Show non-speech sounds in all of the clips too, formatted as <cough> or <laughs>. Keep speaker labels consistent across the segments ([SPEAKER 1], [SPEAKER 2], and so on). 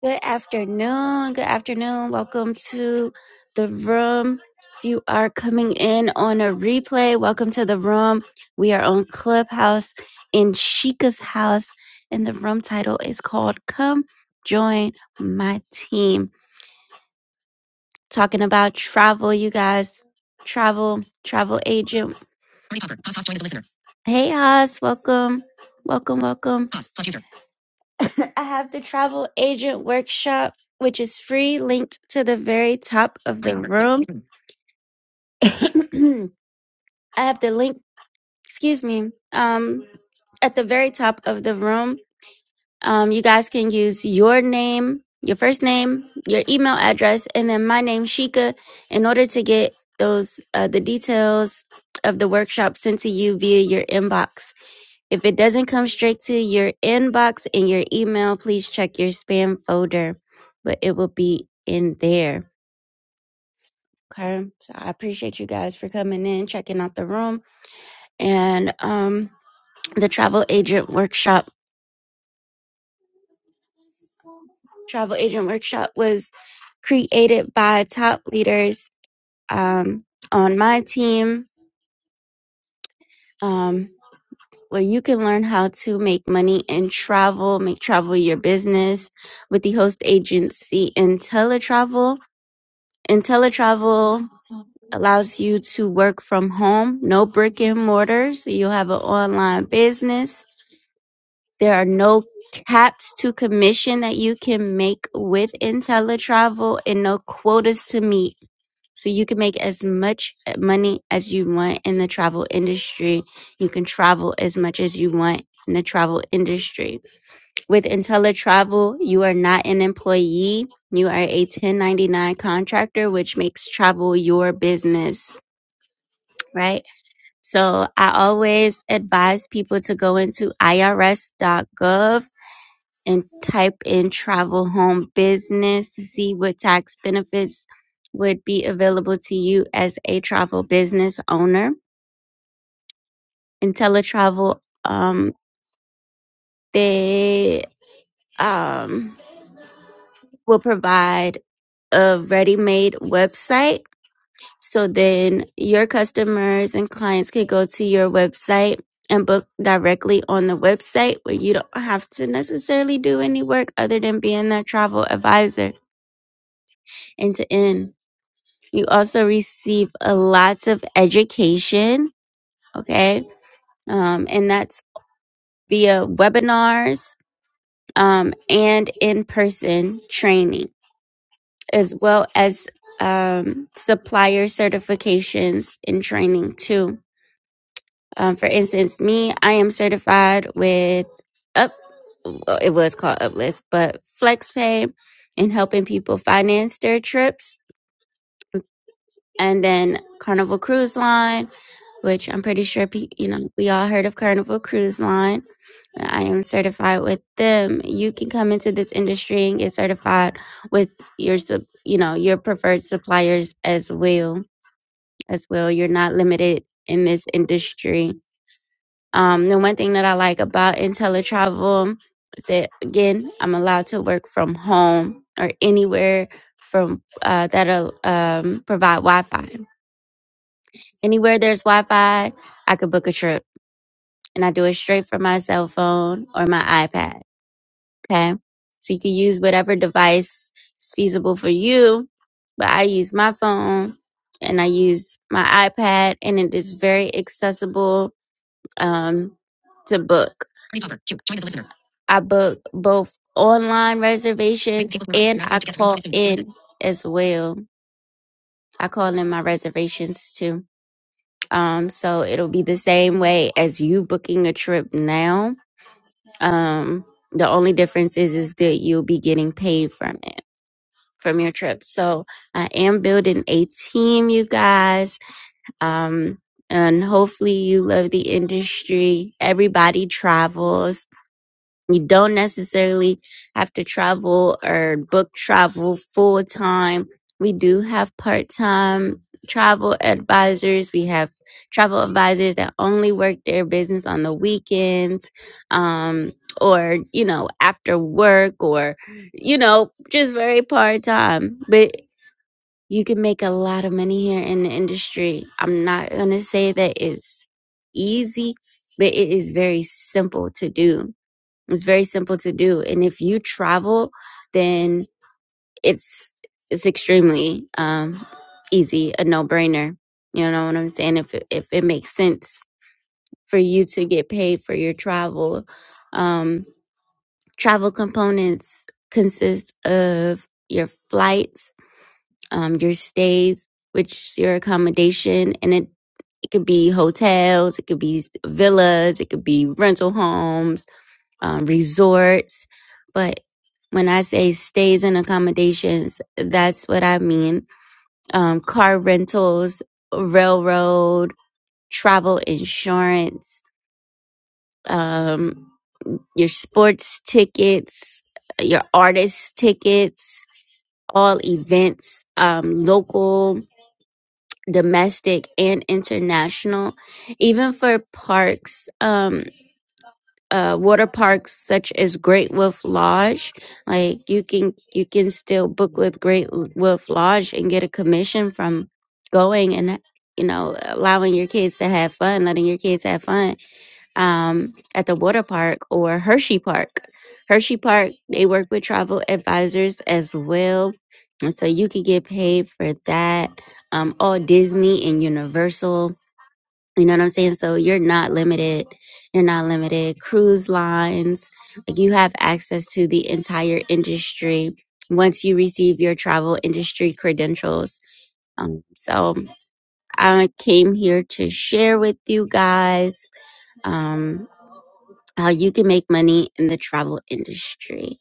[SPEAKER 1] Good afternoon. Good afternoon. Welcome to the room. If you are coming in on a replay, welcome to the room. We are on Clubhouse in Chica's house, and the room title is called Come Join My Team. Talking about travel, you guys. Travel, travel agent. Hey, Haas. Welcome. Welcome, welcome. <coughs> <laughs> I have the travel agent workshop, which is free, linked to the very top of the room. <clears throat> I have the link, excuse me, um, at the very top of the room. Um, you guys can use your name, your first name, your email address, and then my name, Shika, in order to get those uh, the details of the workshop sent to you via your inbox. If it doesn't come straight to your inbox in your email, please check your spam folder, but it will be in there. Okay. So I appreciate you guys for coming in, checking out the room. and um, the travel agent workshop travel agent workshop was created by top leaders um, on my team um, where you can learn how to make money in travel make travel your business with the host agency intellitravel intellitravel allows you to work from home no brick and mortar so you'll have an online business There are no caps to commission that you can make with IntelliTravel and no quotas to meet. So you can make as much money as you want in the travel industry. You can travel as much as you want in the travel industry. With IntelliTravel, you are not an employee. You are a 1099 contractor, which makes travel your business, right? So I always advise people to go into IRS dot gov and type in travel home business to see what tax benefits would be available to you as a travel business owner. IntelliTravel, um, they um, will provide a ready-made website. So then your customers and clients can go to your website and book directly on the website where you don't have to necessarily do any work other than being their travel advisor end to end. You also receive a lots of education, okay? Um, and that's via webinars um, and in person training, as well as um, supplier certifications and training too. Um, for instance, me, I am certified with Up, well, it was called Uplift, but FlexPay in helping people finance their trips, and then Carnival Cruise Line which I'm pretty sure pe- you know we all heard of Carnival Cruise Line. I am certified with them. You can come into this industry and get certified with your sup- you know your preferred suppliers as well as well. You're not limited in this industry. Um, the one thing that I like about IntelliTravel is that again I'm allowed to work from home or anywhere from uh, that'll um, provide Wi-Fi. Anywhere there's Wi-Fi, I could book a trip and I do it straight from my cell phone or my iPad. Okay. So you can use whatever device is feasible for you, but I use my phone and I use my iPad and it is very accessible, um, to book. I book both online reservations and I call in as well. I call in my reservations too. Um, so it'll be the same way as you booking a trip now Um, the only difference is is that you'll be getting paid from it from your trip. So I am building a team, you guys. Um, and hopefully you love the industry. Everybody travels you don't necessarily have to travel or book travel full time. We do have part time travel advisors. We have travel advisors that only work their business on the weekends um, or, you know, after work or, you know, just very part time. But you can make a lot of money here in the industry. I'm not going to say that it's easy, but it is very simple to do it's very simple to do. And if you travel, then it's it's extremely um easy, a no-brainer. You know what I'm saying? If it, if it makes sense for you to get paid for your travel, um travel components consist of your flights, um your stays, which is your accommodation and it it could be hotels, it could be villas, it could be rental homes, um, resorts. But when I say stays and accommodations, that's what I mean. Um, car rentals, railroad, travel insurance, um, your sports tickets, your artist tickets, all events, um, local, domestic, and international, even for parks. um, uh water parks such as Great Wolf Lodge. Like you can you can still book with Great Wolf Lodge and get a commission from going and you know allowing your kids to have fun, letting your kids have fun um at the water park or Hershey Park. Hershey Park, they work with travel advisors as well. And so you could get paid for that. Um, all Disney and Universal. You know what I'm saying? So you're not limited. You're not limited. Cruise lines, like you have access to the entire industry once you receive your travel industry credentials. Um, so I came here to share with you guys um, how you can make money in the travel industry.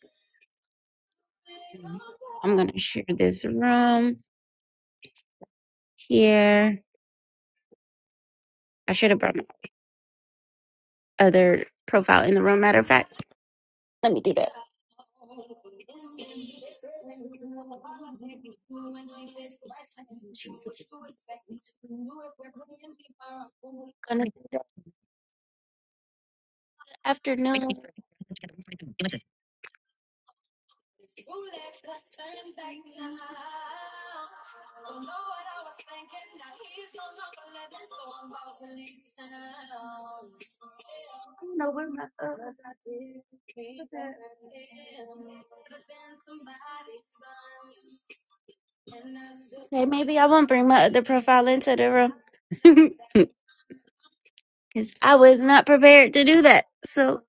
[SPEAKER 1] I'm gonna share this room here. I should have brought my other profile in the room. Matter of fact, let me do that. Gonna do that this afternoon. Hey, maybe I won't bring my other profile into the room. <laughs> Because I was not prepared to do that. So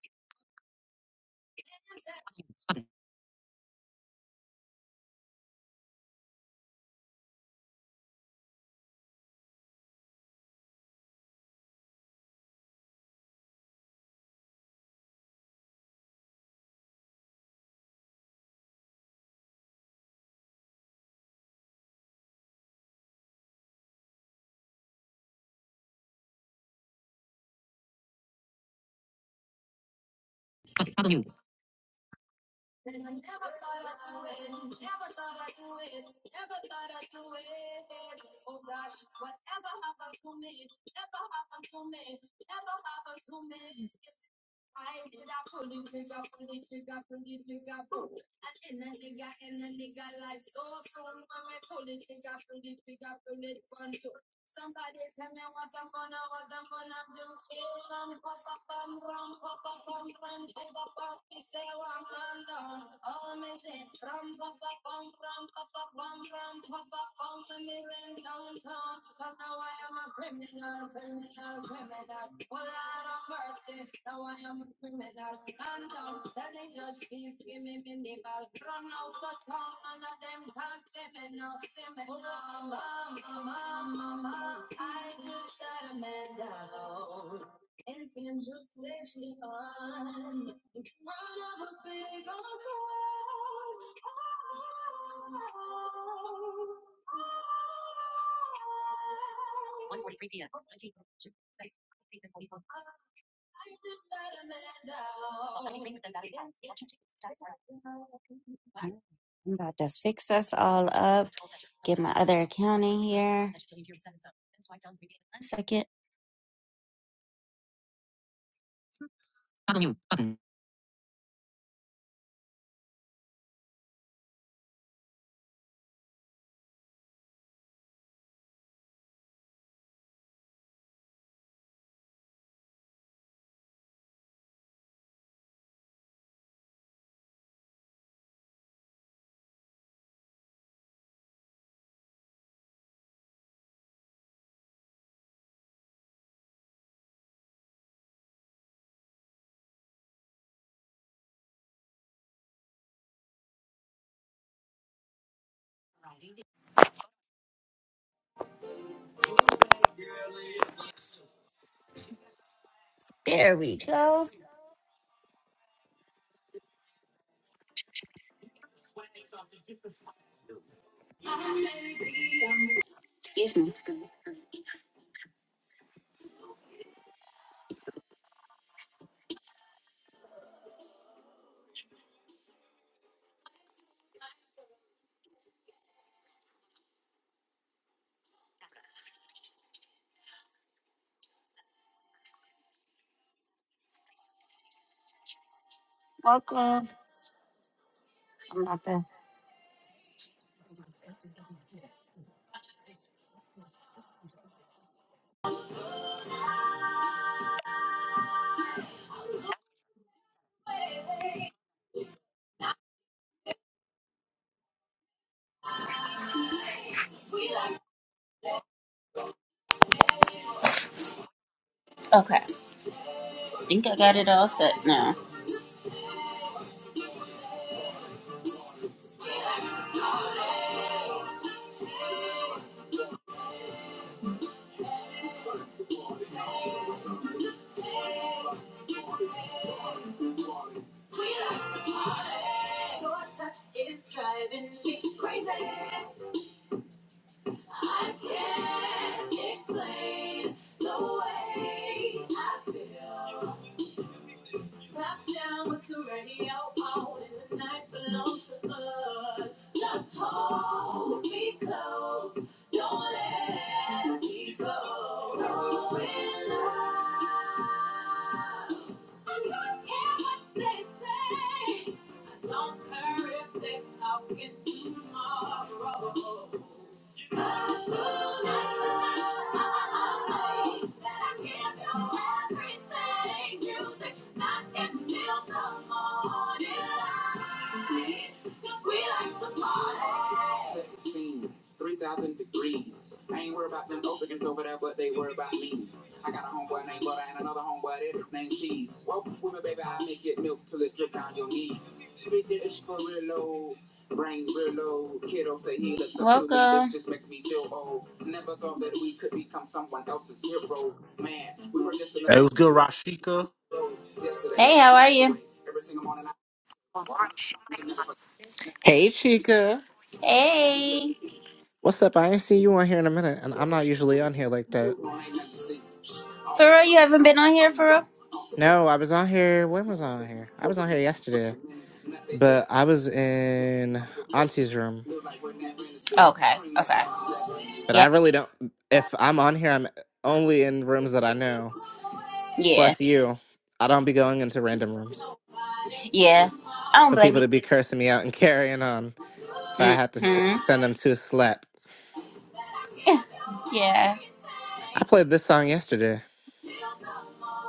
[SPEAKER 1] I'm about to fix us all up. Get my other account in here. One second.
[SPEAKER 2] There we go. Excuse me. excuse me. Welcome. I'm about to. Okay. I think I got it all set now. Cause we like to party. Welcome.
[SPEAKER 3] Hey, what's good, Rashika?
[SPEAKER 2] Hey, how are you?
[SPEAKER 4] Hey Chica.
[SPEAKER 2] Hey.
[SPEAKER 4] What's up? I ain't seen you on here in a minute, and I'm not usually on here like that.
[SPEAKER 2] For real, you haven't been on here for real?
[SPEAKER 4] No, I was on here. When was I on here? I was on here yesterday, but I was in Auntie's room.
[SPEAKER 2] Okay, okay.
[SPEAKER 4] But I
[SPEAKER 2] Yeah,
[SPEAKER 4] really don't. If I'm on here, I'm only in rooms that I know.
[SPEAKER 2] yeah,
[SPEAKER 4] Plus you, I don't be going into random rooms
[SPEAKER 2] yeah. I don't
[SPEAKER 4] for
[SPEAKER 2] blame
[SPEAKER 4] people to be cursing me out and <laughs> carrying on. If I
[SPEAKER 2] you.
[SPEAKER 4] had to s-
[SPEAKER 2] Mm-hmm.
[SPEAKER 4] send them to a slap,
[SPEAKER 2] <laughs> Yeah.
[SPEAKER 4] I played this song yesterday.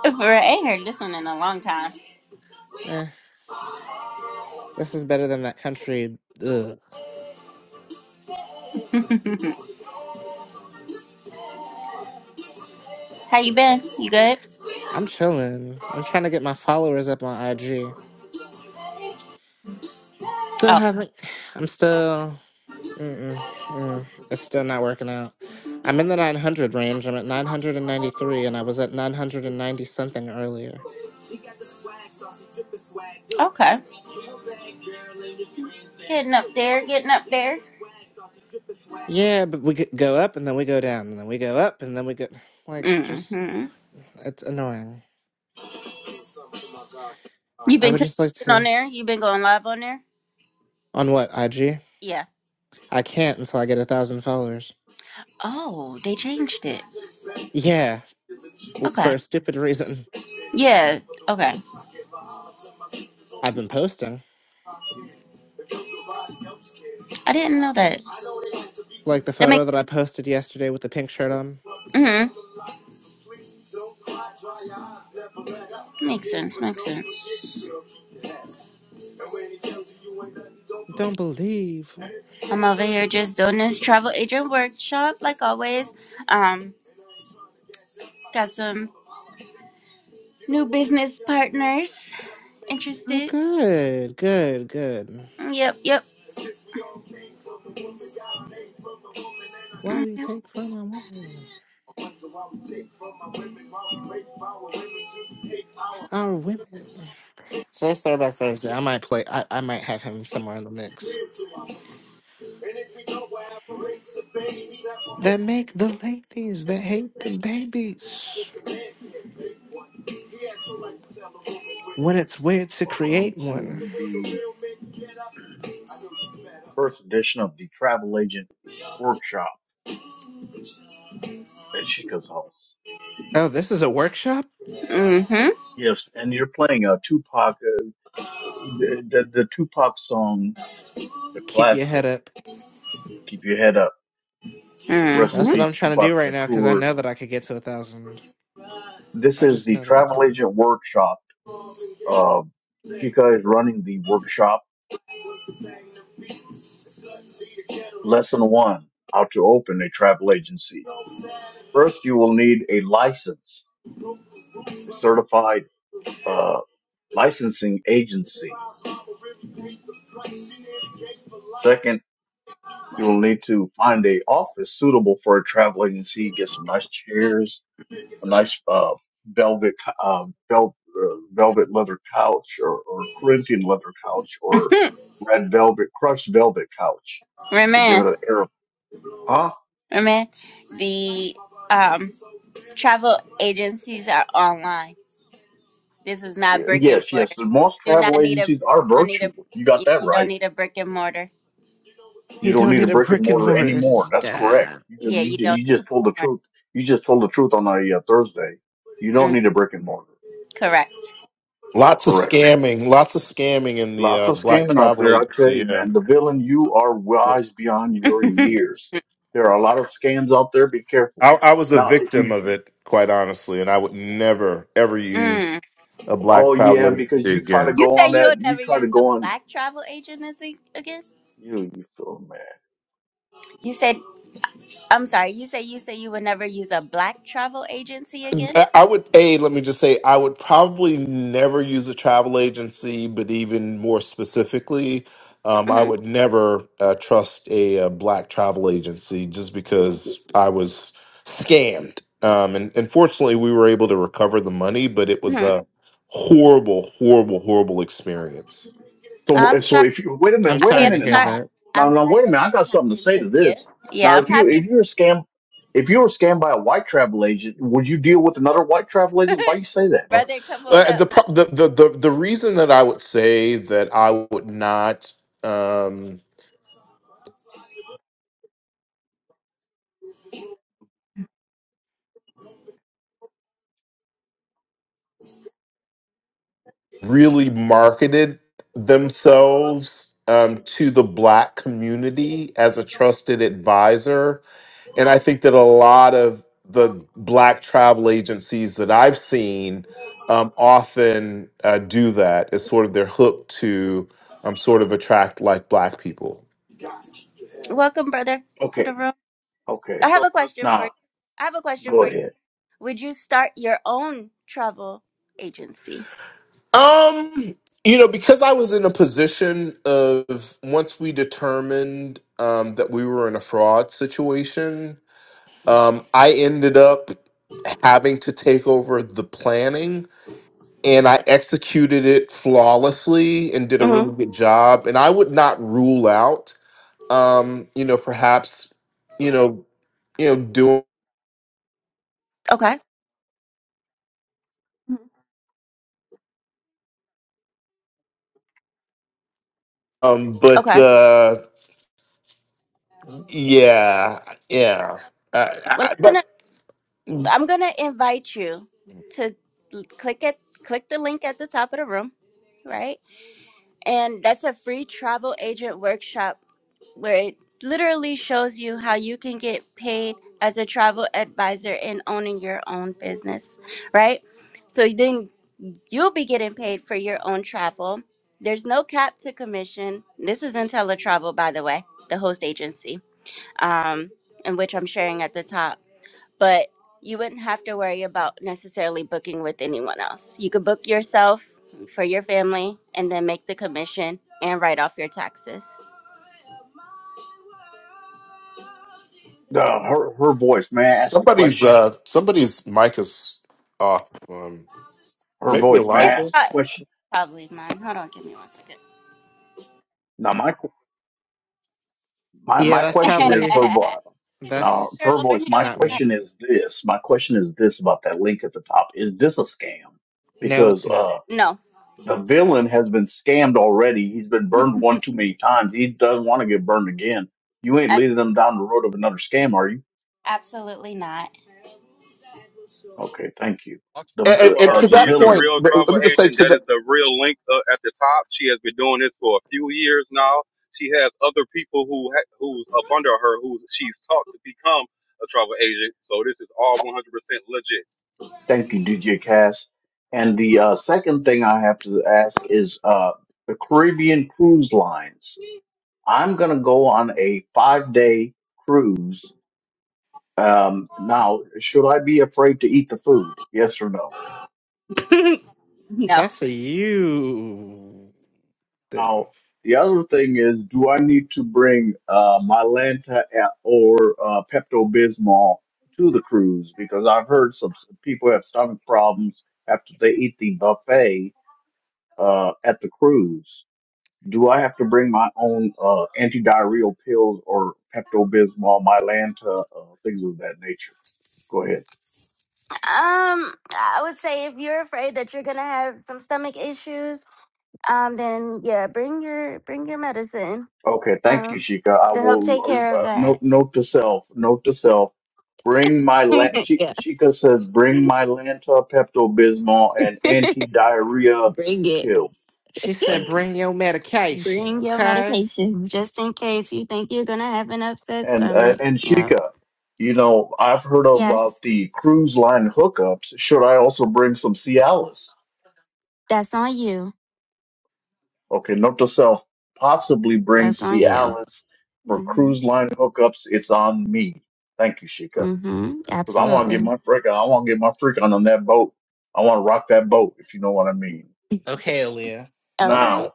[SPEAKER 2] For real, I ain't heard this one in a long time.
[SPEAKER 4] Eh, this is better than that country. Ugh.
[SPEAKER 2] <laughs> how you been? You good?
[SPEAKER 4] I'm chilling. I'm trying to get my followers up on IG. Still
[SPEAKER 2] Oh,
[SPEAKER 4] haven't. I'm still. Mm-mm, mm, it's still not working out. I'm in the 900 range. I'm at 993, and I was at 990 something earlier.
[SPEAKER 2] okay. Getting up there, getting up there.
[SPEAKER 4] Yeah, but we g- go up and then we go down, and then we go up and then we go. Like, just
[SPEAKER 2] Mm-hmm.
[SPEAKER 4] it's annoying.
[SPEAKER 2] You've
[SPEAKER 4] I
[SPEAKER 2] been
[SPEAKER 4] would just like
[SPEAKER 2] consistent on
[SPEAKER 4] to.
[SPEAKER 2] there? You've been going live on there?
[SPEAKER 4] On what IG?
[SPEAKER 2] Yeah.
[SPEAKER 4] I can't until I get a thousand followers.
[SPEAKER 2] Oh, they changed it.
[SPEAKER 4] Yeah, w- for
[SPEAKER 2] Okay.
[SPEAKER 4] a stupid reason.
[SPEAKER 2] Yeah. Okay.
[SPEAKER 4] I've been posting.
[SPEAKER 2] I didn't know that.
[SPEAKER 4] Like the
[SPEAKER 2] That
[SPEAKER 4] photo
[SPEAKER 2] makes
[SPEAKER 4] that I posted yesterday with the pink shirt on.
[SPEAKER 2] mm-hmm. Makes sense. Makes sense.
[SPEAKER 4] Don't believe.
[SPEAKER 2] I'm over here just doing this travel agent workshop like always. Um, got some new business partners
[SPEAKER 4] Oh,
[SPEAKER 2] interested.
[SPEAKER 4] good, good, good.
[SPEAKER 2] Yep. Yep.
[SPEAKER 4] Why we take from our women, our women. So let's throw back Thursday. I might play. I, I might have him somewhere in the mix. That make the ladies that hate the babies when it's weird to
[SPEAKER 5] Welcome
[SPEAKER 4] create one.
[SPEAKER 5] to the first edition of the Travel Agent Workshop at Chica's House.
[SPEAKER 4] Oh, this is a workshop.
[SPEAKER 2] Mm-hmm.
[SPEAKER 5] Yes, and you're playing a Tupac, uh, the, the, the Tupac song, the
[SPEAKER 4] Keep your head
[SPEAKER 5] classic,
[SPEAKER 4] up.
[SPEAKER 5] Keep Your Head Up. Rest in
[SPEAKER 4] That's what
[SPEAKER 2] Mm-hmm.
[SPEAKER 4] I'm
[SPEAKER 5] peace,
[SPEAKER 4] trying to
[SPEAKER 5] Tupac
[SPEAKER 4] do right now because I
[SPEAKER 5] Shakur.
[SPEAKER 4] know that I could get to a thousand.
[SPEAKER 5] This
[SPEAKER 4] I
[SPEAKER 5] is
[SPEAKER 4] just
[SPEAKER 5] the
[SPEAKER 4] know that I
[SPEAKER 5] Travel
[SPEAKER 4] can.
[SPEAKER 5] Agent Workshop. Uh, Chica is running the workshop. Lesson one, how to open a travel agency. First, you will need a license from a certified, uh, licensing agency. Second, You will need to find a office suitable for a travel agency. Get some nice chairs, a nice uh, velvet, co- uh, vel- uh, velvet leather couch, or, or Corinthian leather couch, or red velvet, crushed velvet couch, to give
[SPEAKER 2] Remain.
[SPEAKER 5] it an air of huh.
[SPEAKER 2] Remain. The um travel agencies are online. This is not brick and
[SPEAKER 5] Yes, yes.
[SPEAKER 2] mortar.
[SPEAKER 5] the Most
[SPEAKER 2] Do not
[SPEAKER 5] travel
[SPEAKER 2] need a.
[SPEAKER 5] agencies are
[SPEAKER 2] You don't need a.
[SPEAKER 5] virtual. You got
[SPEAKER 2] You
[SPEAKER 5] that
[SPEAKER 2] you don't
[SPEAKER 5] right.
[SPEAKER 2] need a brick and mortar.
[SPEAKER 5] You
[SPEAKER 4] You
[SPEAKER 5] don't
[SPEAKER 4] don't
[SPEAKER 5] need a
[SPEAKER 4] need a
[SPEAKER 5] brick and
[SPEAKER 4] brick and
[SPEAKER 5] mortar
[SPEAKER 4] mortar.
[SPEAKER 5] anymore. That's correct.
[SPEAKER 4] Stop.
[SPEAKER 5] You just,
[SPEAKER 2] Yeah,
[SPEAKER 5] you,
[SPEAKER 2] you
[SPEAKER 5] ju-
[SPEAKER 2] don't.
[SPEAKER 5] you just told the
[SPEAKER 2] Need
[SPEAKER 5] truth. You just told the truth on a uh, Thursday. You don't
[SPEAKER 2] mortar. Mm,
[SPEAKER 5] need a brick and mortar.
[SPEAKER 2] correct.
[SPEAKER 6] Lots of
[SPEAKER 5] Correct.
[SPEAKER 6] scamming, lots of scamming in the
[SPEAKER 5] Lots
[SPEAKER 6] uh,
[SPEAKER 5] of
[SPEAKER 6] black
[SPEAKER 5] scamming out
[SPEAKER 6] travel
[SPEAKER 5] there. I tell
[SPEAKER 6] agency.
[SPEAKER 5] you,
[SPEAKER 6] Yeah,
[SPEAKER 5] man, the villain, you are wise beyond your
[SPEAKER 2] <laughs>
[SPEAKER 5] years. There are a lot of scams out there. Be careful.
[SPEAKER 6] I, I was a
[SPEAKER 5] Now, if
[SPEAKER 6] victim
[SPEAKER 5] you,
[SPEAKER 6] of it, quite honestly, and I would never ever use
[SPEAKER 2] mm.
[SPEAKER 6] a
[SPEAKER 5] oh
[SPEAKER 6] black travel
[SPEAKER 5] yeah, because
[SPEAKER 6] agency
[SPEAKER 5] you try to
[SPEAKER 6] again.
[SPEAKER 2] You
[SPEAKER 5] go
[SPEAKER 2] said
[SPEAKER 5] on
[SPEAKER 2] you
[SPEAKER 5] that,
[SPEAKER 2] would
[SPEAKER 5] you
[SPEAKER 2] never
[SPEAKER 5] try to
[SPEAKER 2] use a
[SPEAKER 5] go on,
[SPEAKER 2] black travel agency again.
[SPEAKER 5] you, you so man.
[SPEAKER 2] You said I'm sorry. You said you say you would never use a black travel agency again.
[SPEAKER 6] I I would a let me just say I would probably never use a travel agency, but even more specifically, um, I
[SPEAKER 2] hmm
[SPEAKER 6] would never uh, trust a, uh black travel agency just because I was scammed. Um, and, and fortunately, we were able to recover the money, but it was
[SPEAKER 2] hmm
[SPEAKER 6] a horrible, horrible, horrible experience.
[SPEAKER 2] I'm
[SPEAKER 5] So, so
[SPEAKER 2] sorry.
[SPEAKER 5] if you, wait a
[SPEAKER 4] I'm
[SPEAKER 5] minute, wait
[SPEAKER 2] I
[SPEAKER 5] a
[SPEAKER 4] sorry
[SPEAKER 2] am
[SPEAKER 4] to
[SPEAKER 5] minute
[SPEAKER 4] hear
[SPEAKER 2] sorry.
[SPEAKER 5] now.
[SPEAKER 4] that.
[SPEAKER 5] Now,
[SPEAKER 2] I'm
[SPEAKER 5] now,
[SPEAKER 2] sorry
[SPEAKER 5] wait a
[SPEAKER 2] that
[SPEAKER 5] minute. I
[SPEAKER 2] that
[SPEAKER 5] got something to
[SPEAKER 2] happened
[SPEAKER 5] say
[SPEAKER 2] to
[SPEAKER 5] to
[SPEAKER 2] you.
[SPEAKER 5] this.
[SPEAKER 2] Yeah,
[SPEAKER 5] Now,
[SPEAKER 2] I'm
[SPEAKER 5] if you, if
[SPEAKER 2] happy.
[SPEAKER 5] you're a scam, if you were scammed by a white travel agent, would you deal with another white travel agent? Why you say that?
[SPEAKER 2] <laughs>
[SPEAKER 6] Well,
[SPEAKER 2] brother, come on
[SPEAKER 6] Uh,
[SPEAKER 2] up.
[SPEAKER 6] the, pro- the the the the reason that I would say that I would not. Um, really marketed themselves um, to the black community as a trusted advisor. And I think that a lot of the black travel agencies that I've seen um, often uh, do that as sort of their hook to um, sort of attract like black people.
[SPEAKER 2] Welcome, brother, to the
[SPEAKER 5] Okay.
[SPEAKER 2] room. I
[SPEAKER 5] Okay.
[SPEAKER 2] have a question for you.
[SPEAKER 5] Now,
[SPEAKER 2] I have a question
[SPEAKER 5] go
[SPEAKER 2] for you.
[SPEAKER 5] ahead.
[SPEAKER 2] Would you start your own travel agency?
[SPEAKER 6] Um, you know, because I was in a position of once we determined um, that we were in a fraud situation, Um, I ended up having to take over the planning and I executed it flawlessly and did a
[SPEAKER 2] hmm
[SPEAKER 6] really good job. And I would not rule out, um, you know, perhaps, you know, you know, doing,
[SPEAKER 2] Okay.
[SPEAKER 6] um, but
[SPEAKER 2] Okay.
[SPEAKER 6] uh, yeah, yeah. Uh,
[SPEAKER 2] Well,
[SPEAKER 6] I,
[SPEAKER 2] I'm gonna
[SPEAKER 6] but
[SPEAKER 2] I'm gonna invite you to l- click it. Click the link at the top of the room, right? And that's a free travel agent workshop where it literally shows you how you can get paid as a travel advisor in owning your own business, right? So then You'll be getting paid for your own travel. There's no cap to commission. This is IntelliTravel, by the way, the host agency, um, in which I'm sharing at the top. But you wouldn't have to worry about necessarily booking with anyone else. You could book yourself for your family and then make the commission and write off your taxes.
[SPEAKER 5] Uh, her, her voice, may I ask a
[SPEAKER 6] somebody's
[SPEAKER 5] question?
[SPEAKER 6] uh, somebody's mic is off. Um,
[SPEAKER 5] her
[SPEAKER 6] maybe
[SPEAKER 5] voice. May I
[SPEAKER 2] It's
[SPEAKER 6] Elijah.
[SPEAKER 5] ask a
[SPEAKER 2] pro-
[SPEAKER 5] question?
[SPEAKER 2] probably mine. Hold on, give me one second.
[SPEAKER 5] Now, my qu- my
[SPEAKER 4] Yeah,
[SPEAKER 5] my
[SPEAKER 4] that's
[SPEAKER 2] <laughs> is
[SPEAKER 5] question is
[SPEAKER 4] probably
[SPEAKER 5] her voice.
[SPEAKER 2] that
[SPEAKER 4] that's.
[SPEAKER 5] Now,
[SPEAKER 2] your
[SPEAKER 5] her voice.
[SPEAKER 2] Lauren
[SPEAKER 5] My
[SPEAKER 2] Hill?
[SPEAKER 4] Not me.
[SPEAKER 5] question is this. My question is this about that link at the top. Is this a scam?
[SPEAKER 4] No,
[SPEAKER 5] Because
[SPEAKER 4] it's not.
[SPEAKER 5] uh,
[SPEAKER 2] No,
[SPEAKER 5] the villain has been scammed already. He's been burned one too many times. He doesn't want to get burned again. You ain't
[SPEAKER 2] a-
[SPEAKER 5] leading them down the road of another scam, are you?
[SPEAKER 2] absolutely not.
[SPEAKER 5] Okay, thank you.
[SPEAKER 6] And, and,
[SPEAKER 5] The
[SPEAKER 7] For
[SPEAKER 5] uh,
[SPEAKER 6] and
[SPEAKER 5] uh,
[SPEAKER 7] her,
[SPEAKER 6] to
[SPEAKER 5] the
[SPEAKER 7] she
[SPEAKER 6] that
[SPEAKER 7] is a
[SPEAKER 5] villain.
[SPEAKER 6] point,
[SPEAKER 7] real
[SPEAKER 6] let
[SPEAKER 7] travel
[SPEAKER 6] me just say
[SPEAKER 7] agent.
[SPEAKER 6] to
[SPEAKER 7] That
[SPEAKER 6] that.
[SPEAKER 7] is the real link uh, at the top. She has been doing this for a few years now. She has other people who ha- who's up under her who she's taught to become a travel agent. So this is all 100% legit.
[SPEAKER 5] Thank you, DJ Cass. And the uh, second thing I have to ask is uh, the Caribbean cruise lines I'm going to go on a five day cruise. Um, now, should I be afraid to eat the food? Yes or no?
[SPEAKER 2] <laughs> no.
[SPEAKER 4] That's a you thing.
[SPEAKER 5] Now, the other thing is, do I need to bring uh, Mylanta a- or uh, Pepto Bismol to the cruise? Because I've heard some some people have stomach problems after they eat the buffet uh, at the cruise. Do I have to bring my own uh, antidiarrheal pills or Pepto Bismol, Mylanta, uh, things of that nature? Go ahead.
[SPEAKER 1] I have some stomach issues. Um, then yeah, bring your bring your medicine.
[SPEAKER 5] Okay, thank you,
[SPEAKER 1] Um,
[SPEAKER 5] Sheikah. I
[SPEAKER 1] to help
[SPEAKER 5] will
[SPEAKER 1] take care of
[SPEAKER 5] uh, note
[SPEAKER 1] that.
[SPEAKER 5] note to self. Note to self. Bring my land.
[SPEAKER 1] <laughs>
[SPEAKER 5] She,
[SPEAKER 1] yeah.
[SPEAKER 5] Sheikah said, "Bring my Lanta, Pepto Bismol, and
[SPEAKER 1] <laughs>
[SPEAKER 5] anti diarrhea
[SPEAKER 1] bring it.
[SPEAKER 5] pills."
[SPEAKER 4] She
[SPEAKER 1] <laughs>
[SPEAKER 4] said,
[SPEAKER 5] Thank you.
[SPEAKER 4] bring your medication,
[SPEAKER 1] Bring your
[SPEAKER 4] okay?
[SPEAKER 1] medication just in case you think you're gonna have an upset
[SPEAKER 5] And uh,
[SPEAKER 1] stomach.
[SPEAKER 5] and
[SPEAKER 1] Yep.
[SPEAKER 5] Sheikah, you know, I've heard about
[SPEAKER 1] Yes.
[SPEAKER 5] the cruise line hookups. Should I also bring some Cialis?
[SPEAKER 1] That's on you.
[SPEAKER 5] Okay, note to self. Possibly bring
[SPEAKER 1] That's on you.
[SPEAKER 5] Cialis for
[SPEAKER 1] Mm-hmm.
[SPEAKER 5] cruise line hookups. It's on me. Thank you, Sheikah.
[SPEAKER 1] Mm-hmm.
[SPEAKER 5] Because I want to
[SPEAKER 1] Absolutely.
[SPEAKER 5] get my freak on. I want to get my freak on on that boat. I want to rock that boat, if you know what I mean.
[SPEAKER 4] Okay, Aaliyah.
[SPEAKER 1] All right.
[SPEAKER 5] Now,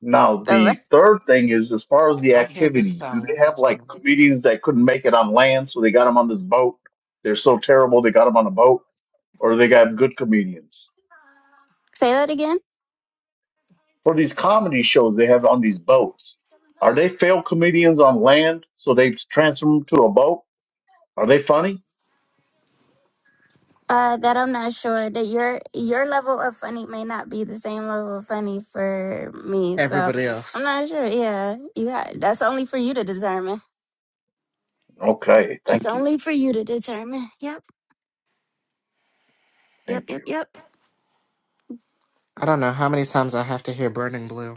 [SPEAKER 5] now
[SPEAKER 1] All right.
[SPEAKER 5] the third thing is as far as
[SPEAKER 4] If
[SPEAKER 5] the
[SPEAKER 4] I hear this
[SPEAKER 5] activities, do
[SPEAKER 4] song
[SPEAKER 5] they
[SPEAKER 4] one more
[SPEAKER 5] have like
[SPEAKER 4] time.
[SPEAKER 5] comedians that couldn't make it on land, so they got them on this boat? They're so terrible, they got them on a boat, or they got good comedians
[SPEAKER 1] Say that again.
[SPEAKER 5] for these comedy shows they have on these boats. Are they failed comedians on land, so they transfer them to a boat? Are they funny?
[SPEAKER 1] Uh, that I'm not sure that your your level of funny may not be the same level of funny for me, so
[SPEAKER 4] Everybody
[SPEAKER 1] I'm
[SPEAKER 4] else.
[SPEAKER 1] not sure. Yeah, you got that's only for you to determine.
[SPEAKER 5] Okay,
[SPEAKER 1] That's
[SPEAKER 5] thank you,
[SPEAKER 1] only for you to determine. Yep, yep,
[SPEAKER 5] thank
[SPEAKER 1] yep, yep.
[SPEAKER 4] I don't know how many times I have to hear Burning Blue.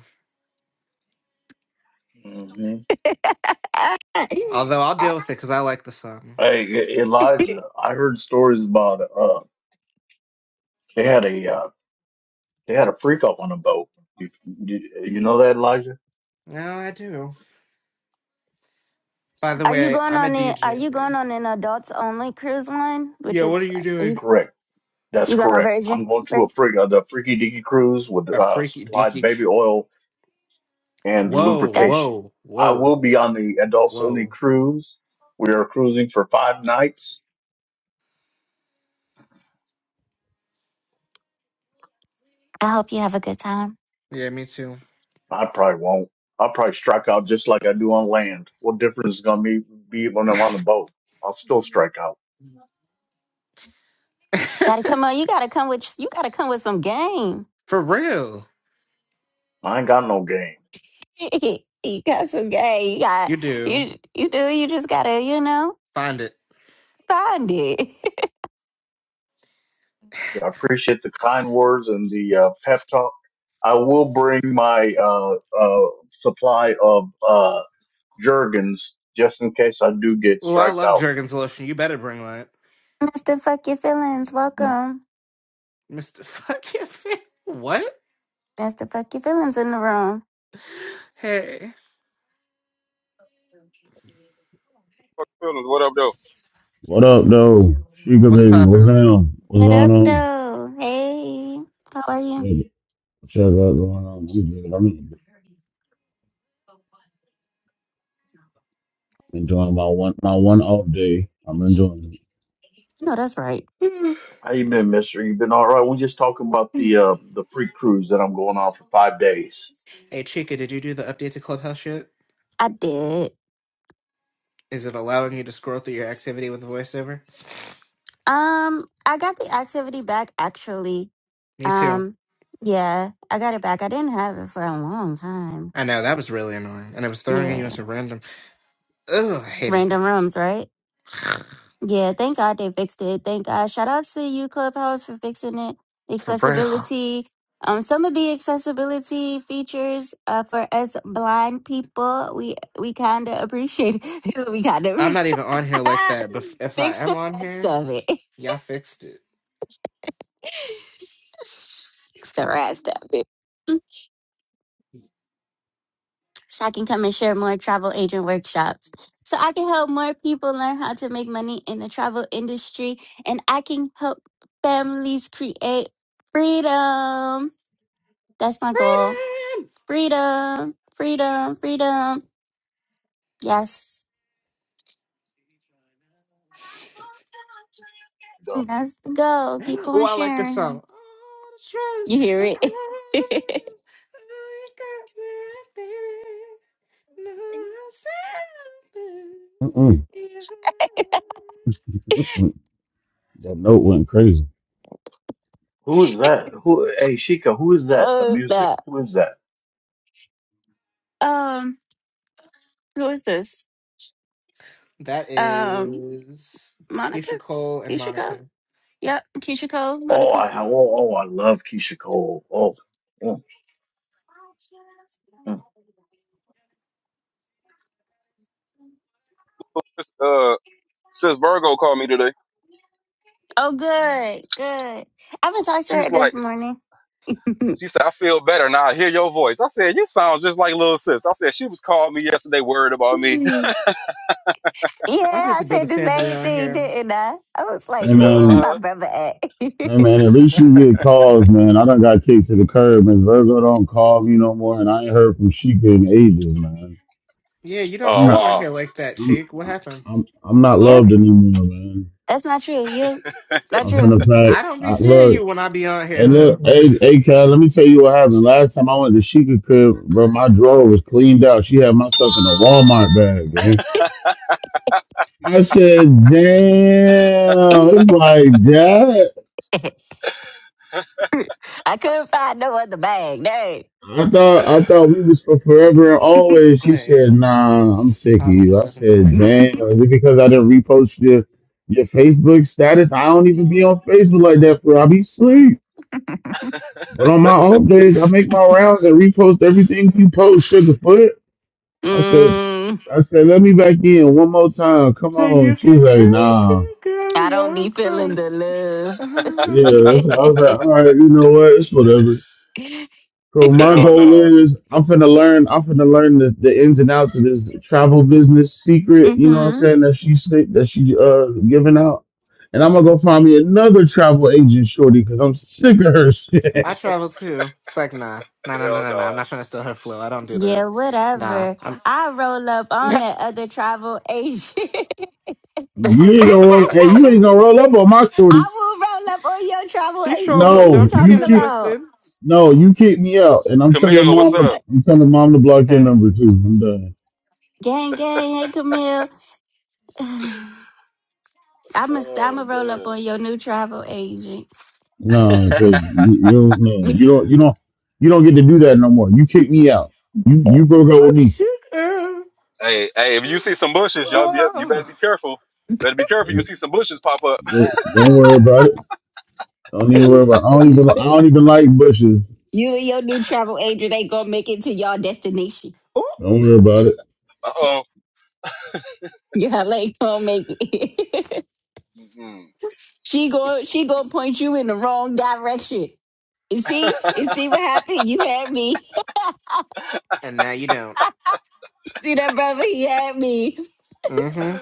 [SPEAKER 5] you.
[SPEAKER 1] <laughs>
[SPEAKER 4] Although I'll deal
[SPEAKER 1] Are
[SPEAKER 4] with it because I like the song.
[SPEAKER 5] Hey, E- Elijah, I heard stories about uh they had a uh, they had a freak up on a boat. You, you you know that Elijah?
[SPEAKER 4] No, I do. By the
[SPEAKER 1] you
[SPEAKER 4] way, I'm a DJ. Yeah, what are you doing?
[SPEAKER 5] Correct. That's correct. I'm going to a freak uh, the Freaky Deaky cruise with
[SPEAKER 4] A
[SPEAKER 5] uh
[SPEAKER 4] freaky
[SPEAKER 5] supplied
[SPEAKER 4] deaky.
[SPEAKER 5] baby oil and
[SPEAKER 4] Whoa,
[SPEAKER 5] lubrication.
[SPEAKER 4] whoa,
[SPEAKER 5] I
[SPEAKER 4] whoa,
[SPEAKER 5] will be on the adults only
[SPEAKER 4] whoa.
[SPEAKER 5] cruise. We are cruising for five nights.
[SPEAKER 1] have a good time?
[SPEAKER 4] Yeah, me too.
[SPEAKER 5] I probably won't. I'll probably strike out just like I do on land. What difference is gonna be be when I'm on the boat? I'll still strike out.
[SPEAKER 1] Gotta
[SPEAKER 4] <laughs>
[SPEAKER 1] come on. You gotta come with you gotta come with some game.
[SPEAKER 4] For real.
[SPEAKER 5] I ain't got no game.
[SPEAKER 1] <laughs> you got some game. You got
[SPEAKER 4] You do.
[SPEAKER 1] you you do. You just gotta you know
[SPEAKER 4] Find it.
[SPEAKER 1] find it.
[SPEAKER 5] I appreciate the kind words and the uh, pep talk. I will bring my uh, uh, supply of uh, Jergens just in case I do get
[SPEAKER 4] Oh, I
[SPEAKER 5] striked
[SPEAKER 4] love
[SPEAKER 5] out.
[SPEAKER 4] Jergens lotion. You better bring that.
[SPEAKER 1] <laughs> Mr. Fuck Your Feelings,
[SPEAKER 5] hmm
[SPEAKER 1] welcome.
[SPEAKER 4] Mr. <laughs> Fucking Fit. What?
[SPEAKER 1] Mr. Fuck Your Feelings in the room.
[SPEAKER 4] Hey,
[SPEAKER 7] what up though?
[SPEAKER 8] What up, though? Sugar
[SPEAKER 4] what's
[SPEAKER 8] baby, what's
[SPEAKER 4] poppin'?
[SPEAKER 8] down? What's
[SPEAKER 1] What
[SPEAKER 8] going
[SPEAKER 1] up,
[SPEAKER 8] on?
[SPEAKER 1] though? Hey, how are you?
[SPEAKER 8] Shit, What's up what's going on? I'm good. I'm en- enjoying my one my one off day. I'm enjoying
[SPEAKER 1] No, that's right.
[SPEAKER 4] <laughs>
[SPEAKER 5] How you been, Mister? You been all right? We just talking about the
[SPEAKER 4] hey,
[SPEAKER 5] uh, the free cruise that I'm going on for five days.
[SPEAKER 4] Chica, did you do the update to Clubhouse yet?
[SPEAKER 1] I did.
[SPEAKER 4] Is it allowing you to scroll through your activity with voiceover?
[SPEAKER 1] Um, I got the activity back actually.
[SPEAKER 4] Me too.
[SPEAKER 1] Um, yeah, I got it back. I didn't have it for a long time.
[SPEAKER 4] I know, that was really annoying. And it was throwing you
[SPEAKER 1] Yeah,
[SPEAKER 4] into random. <sighs> Ugh, I hated
[SPEAKER 1] random rooms, right?
[SPEAKER 4] that.
[SPEAKER 1] Yeah, thank God they fixed it. Thank God. Shout out to you, Clubhouse, for fixing it.
[SPEAKER 4] <sighs> For real.
[SPEAKER 1] Accessibility. Um, some of the accessibility features uh, for us blind people, we we kind of appreciate it. <laughs> we kind of
[SPEAKER 4] I'm
[SPEAKER 1] re-
[SPEAKER 4] not even on here like that, but
[SPEAKER 1] <laughs>
[SPEAKER 4] if I
[SPEAKER 1] fix
[SPEAKER 4] am
[SPEAKER 1] the
[SPEAKER 4] on
[SPEAKER 1] rest
[SPEAKER 4] here,
[SPEAKER 1] of it. <laughs>
[SPEAKER 4] y'all fixed it.
[SPEAKER 1] fix the rest of it. so I can come and share more travel agent workshops. So I can help more people learn how to make money in the travel industry and I can help families create freedom. That's my goal.
[SPEAKER 4] Freedom!
[SPEAKER 1] Freedom, freedom, freedom. Yes.
[SPEAKER 5] Um,
[SPEAKER 1] That's the goal. Keep
[SPEAKER 4] Oh,
[SPEAKER 1] on
[SPEAKER 4] I like this song.
[SPEAKER 1] sharing.
[SPEAKER 4] All the trust
[SPEAKER 1] You hear
[SPEAKER 4] and
[SPEAKER 1] it?
[SPEAKER 4] all the
[SPEAKER 1] <laughs>
[SPEAKER 4] love you got me, right, baby. No
[SPEAKER 8] it.
[SPEAKER 4] selfish.
[SPEAKER 8] Mm-mm,
[SPEAKER 4] Yeah.
[SPEAKER 8] mm-mm. That note went crazy.
[SPEAKER 5] Who is that? Who? Hey, Shika, who is that? The
[SPEAKER 1] oh,
[SPEAKER 5] music.
[SPEAKER 1] stop.
[SPEAKER 5] Who is that?
[SPEAKER 1] Um, who is this?
[SPEAKER 4] That
[SPEAKER 1] Um,
[SPEAKER 4] is
[SPEAKER 1] Monica?
[SPEAKER 4] Keisha Cole and
[SPEAKER 1] Keisha
[SPEAKER 4] Monica.
[SPEAKER 1] Cole? Yep, Keisha Cole,
[SPEAKER 5] Oh, I
[SPEAKER 1] Monica's.
[SPEAKER 5] oh, oh I love Keisha Cole. Oh, mm, mm.
[SPEAKER 7] Uh, sis Virgo called me today.
[SPEAKER 1] Oh,
[SPEAKER 5] mm.
[SPEAKER 1] good, good. I haven't talked to
[SPEAKER 7] She's
[SPEAKER 1] her
[SPEAKER 7] like,
[SPEAKER 1] this morning. <laughs> yeah,
[SPEAKER 7] she said, I feel better now. I hear your voice. I said, you sound just like little sis. I said, she was calling me yesterday, worried about me. <laughs>
[SPEAKER 4] Hmm. I need
[SPEAKER 1] I
[SPEAKER 4] to build a
[SPEAKER 1] said the
[SPEAKER 4] family
[SPEAKER 1] same
[SPEAKER 4] on
[SPEAKER 1] thing,
[SPEAKER 4] here.
[SPEAKER 1] didn't I? I was
[SPEAKER 8] Hey
[SPEAKER 1] like, cool, where
[SPEAKER 8] man,
[SPEAKER 1] my
[SPEAKER 7] uh-huh.
[SPEAKER 1] brother at? <laughs> you,
[SPEAKER 8] hey man, at least you get calls, man. I done got kicked to the curb, and Virgo don't call me no more, and I ain't heard from Sheikah in ages, man.
[SPEAKER 4] Yeah, you don't
[SPEAKER 8] I'm
[SPEAKER 7] Oh
[SPEAKER 4] come
[SPEAKER 8] not,
[SPEAKER 4] on
[SPEAKER 7] wow.
[SPEAKER 4] here like that,
[SPEAKER 8] I'm,
[SPEAKER 4] chick. What happened?
[SPEAKER 8] I'm, I'm not loved anymore, man.
[SPEAKER 1] that's not true. You, don't, it's not
[SPEAKER 8] I'm
[SPEAKER 1] true.
[SPEAKER 8] finna pack.
[SPEAKER 4] I don't be
[SPEAKER 8] I
[SPEAKER 4] seeing
[SPEAKER 8] look.
[SPEAKER 4] you when I be on
[SPEAKER 8] Hey
[SPEAKER 4] here
[SPEAKER 8] look,
[SPEAKER 4] though.
[SPEAKER 8] hey, hey, Cal, let me tell you what happened. Last time I went to Sheikah Crib, bro, my drawer was cleaned out. She had my stuff in a Walmart bag, gang. I said, damn, it's
[SPEAKER 1] <laughs>
[SPEAKER 8] like that.
[SPEAKER 1] I couldn't find no other bag. Dang.
[SPEAKER 8] I thought I thought we was for forever and always. She
[SPEAKER 4] Play
[SPEAKER 8] said, nah, I'm sick of
[SPEAKER 4] Hot
[SPEAKER 8] you. I said,
[SPEAKER 4] 107.9.
[SPEAKER 8] damn, is it because I didn't repost your your Facebook status? I don't even be on Facebook like that for I be sleep. But
[SPEAKER 7] <laughs>
[SPEAKER 8] on my off days, I make my rounds and repost everything you post, Sugarfoot. I said,
[SPEAKER 1] Mm,
[SPEAKER 8] I said, let me back in one more time. Come
[SPEAKER 4] So
[SPEAKER 8] on.
[SPEAKER 4] you
[SPEAKER 8] She was
[SPEAKER 4] can come,
[SPEAKER 8] like,
[SPEAKER 4] you can
[SPEAKER 8] nah.
[SPEAKER 4] go,
[SPEAKER 1] I don't be
[SPEAKER 4] you can
[SPEAKER 1] feeling the
[SPEAKER 4] come.
[SPEAKER 1] love.
[SPEAKER 4] I
[SPEAKER 8] Yeah. So I was like,
[SPEAKER 1] <laughs>
[SPEAKER 8] all right, you know what? It's whatever. So my
[SPEAKER 7] Hell
[SPEAKER 8] goal
[SPEAKER 7] no.
[SPEAKER 8] is I'm finna learn, I'm finna learn the, the ins and outs of this travel business secret, you know what I'm
[SPEAKER 1] hmm
[SPEAKER 8] saying, that she said that she uh giving out. And I'm gonna go find me another travel agent shorty because I'm sick of her <laughs> shit.
[SPEAKER 4] travel too. It's like nah, nah, nah, nah,
[SPEAKER 7] Hell
[SPEAKER 4] nah, nah. I'm
[SPEAKER 7] no.
[SPEAKER 4] not trying to steal her flow. I don't do
[SPEAKER 1] Yeah,
[SPEAKER 4] that. Nah,
[SPEAKER 1] whatever.
[SPEAKER 4] I'm.
[SPEAKER 1] I roll up on
[SPEAKER 4] <laughs>
[SPEAKER 1] that other travel agent. <laughs>
[SPEAKER 8] You ain't gonna roll hey, you ain't gonna roll up on my shorty.
[SPEAKER 1] I will roll up on your travel
[SPEAKER 4] she sure
[SPEAKER 1] agent.
[SPEAKER 4] will.
[SPEAKER 1] What are you
[SPEAKER 8] No,
[SPEAKER 4] Don't you get
[SPEAKER 8] you
[SPEAKER 1] talking
[SPEAKER 4] it
[SPEAKER 8] kick
[SPEAKER 1] about?
[SPEAKER 4] twisted.
[SPEAKER 8] no, you kick me out. And I'm telling
[SPEAKER 7] Camille, what's
[SPEAKER 8] mom to,
[SPEAKER 7] up?
[SPEAKER 8] I'm telling mom to block your
[SPEAKER 4] Hey,
[SPEAKER 8] number too. I'm done.
[SPEAKER 1] Gang, gang. Hey, Camille. <sighs> I'm going
[SPEAKER 7] Oh
[SPEAKER 1] to roll up
[SPEAKER 7] man.
[SPEAKER 1] on your new travel agent.
[SPEAKER 8] No, because
[SPEAKER 7] <laughs>
[SPEAKER 8] you, you, no, you don't, you don't, you don't get to do that no more. You kick me out. You, you broke up with
[SPEAKER 4] I'm
[SPEAKER 8] me.
[SPEAKER 4] sure.
[SPEAKER 7] hey, hey, if you see some bushes, y'all be you better
[SPEAKER 4] Oh,
[SPEAKER 7] be careful. Better be careful. You see some bushes pop up. <laughs>
[SPEAKER 8] Don't worry about it. Don't even worry
[SPEAKER 1] <laughs>
[SPEAKER 8] about. It. I don't even, I don't even like bushes.
[SPEAKER 1] You and your new travel agent ain't going to make it to your destination.
[SPEAKER 4] oh,
[SPEAKER 8] Don't worry about it.
[SPEAKER 7] Uh oh.
[SPEAKER 1] <laughs> Y'all ain't going to make it.
[SPEAKER 7] Mm-mm.
[SPEAKER 1] <laughs> she going she gonna point you in the wrong direction. You
[SPEAKER 7] <laughs>
[SPEAKER 1] see? You see what happened? You had me. <laughs>
[SPEAKER 4] and now you don't.
[SPEAKER 1] see that brother? He had me.
[SPEAKER 4] Mm-hmm.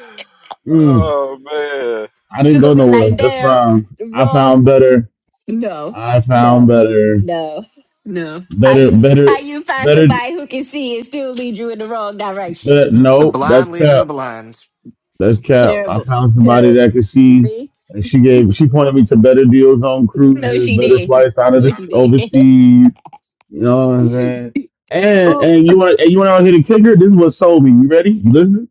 [SPEAKER 8] Mm,
[SPEAKER 7] oh man.
[SPEAKER 8] I didn't
[SPEAKER 1] you
[SPEAKER 8] go
[SPEAKER 1] going to be
[SPEAKER 8] nowhere.
[SPEAKER 1] like,
[SPEAKER 8] That's
[SPEAKER 1] damn,
[SPEAKER 8] fine.
[SPEAKER 1] the
[SPEAKER 8] I
[SPEAKER 1] wrong
[SPEAKER 8] found better.
[SPEAKER 1] No,
[SPEAKER 8] I found
[SPEAKER 1] No,
[SPEAKER 8] better,
[SPEAKER 1] no. no. How
[SPEAKER 8] better,
[SPEAKER 1] you
[SPEAKER 8] better,
[SPEAKER 1] how you find
[SPEAKER 8] better.
[SPEAKER 1] somebody who can see and still lead you in the wrong direction?
[SPEAKER 8] But
[SPEAKER 4] The
[SPEAKER 8] no, that's
[SPEAKER 4] blind leading the
[SPEAKER 8] cap.
[SPEAKER 4] blind.
[SPEAKER 8] That's cap. I
[SPEAKER 1] Terrible,
[SPEAKER 8] found somebody that
[SPEAKER 1] terrible.
[SPEAKER 8] could
[SPEAKER 1] You
[SPEAKER 8] see.
[SPEAKER 1] see?
[SPEAKER 8] And she gave, she pointed me to better deals on
[SPEAKER 1] No,
[SPEAKER 8] cruises,
[SPEAKER 1] she
[SPEAKER 8] better
[SPEAKER 1] didn't.
[SPEAKER 8] flights out of
[SPEAKER 1] No,
[SPEAKER 8] this
[SPEAKER 1] she didn't.
[SPEAKER 8] overseas You know what I'm saying?
[SPEAKER 1] <laughs>
[SPEAKER 8] And
[SPEAKER 1] Ooh,
[SPEAKER 8] and you want and you want out here to kick her? This is what sold me. You ready? You listening?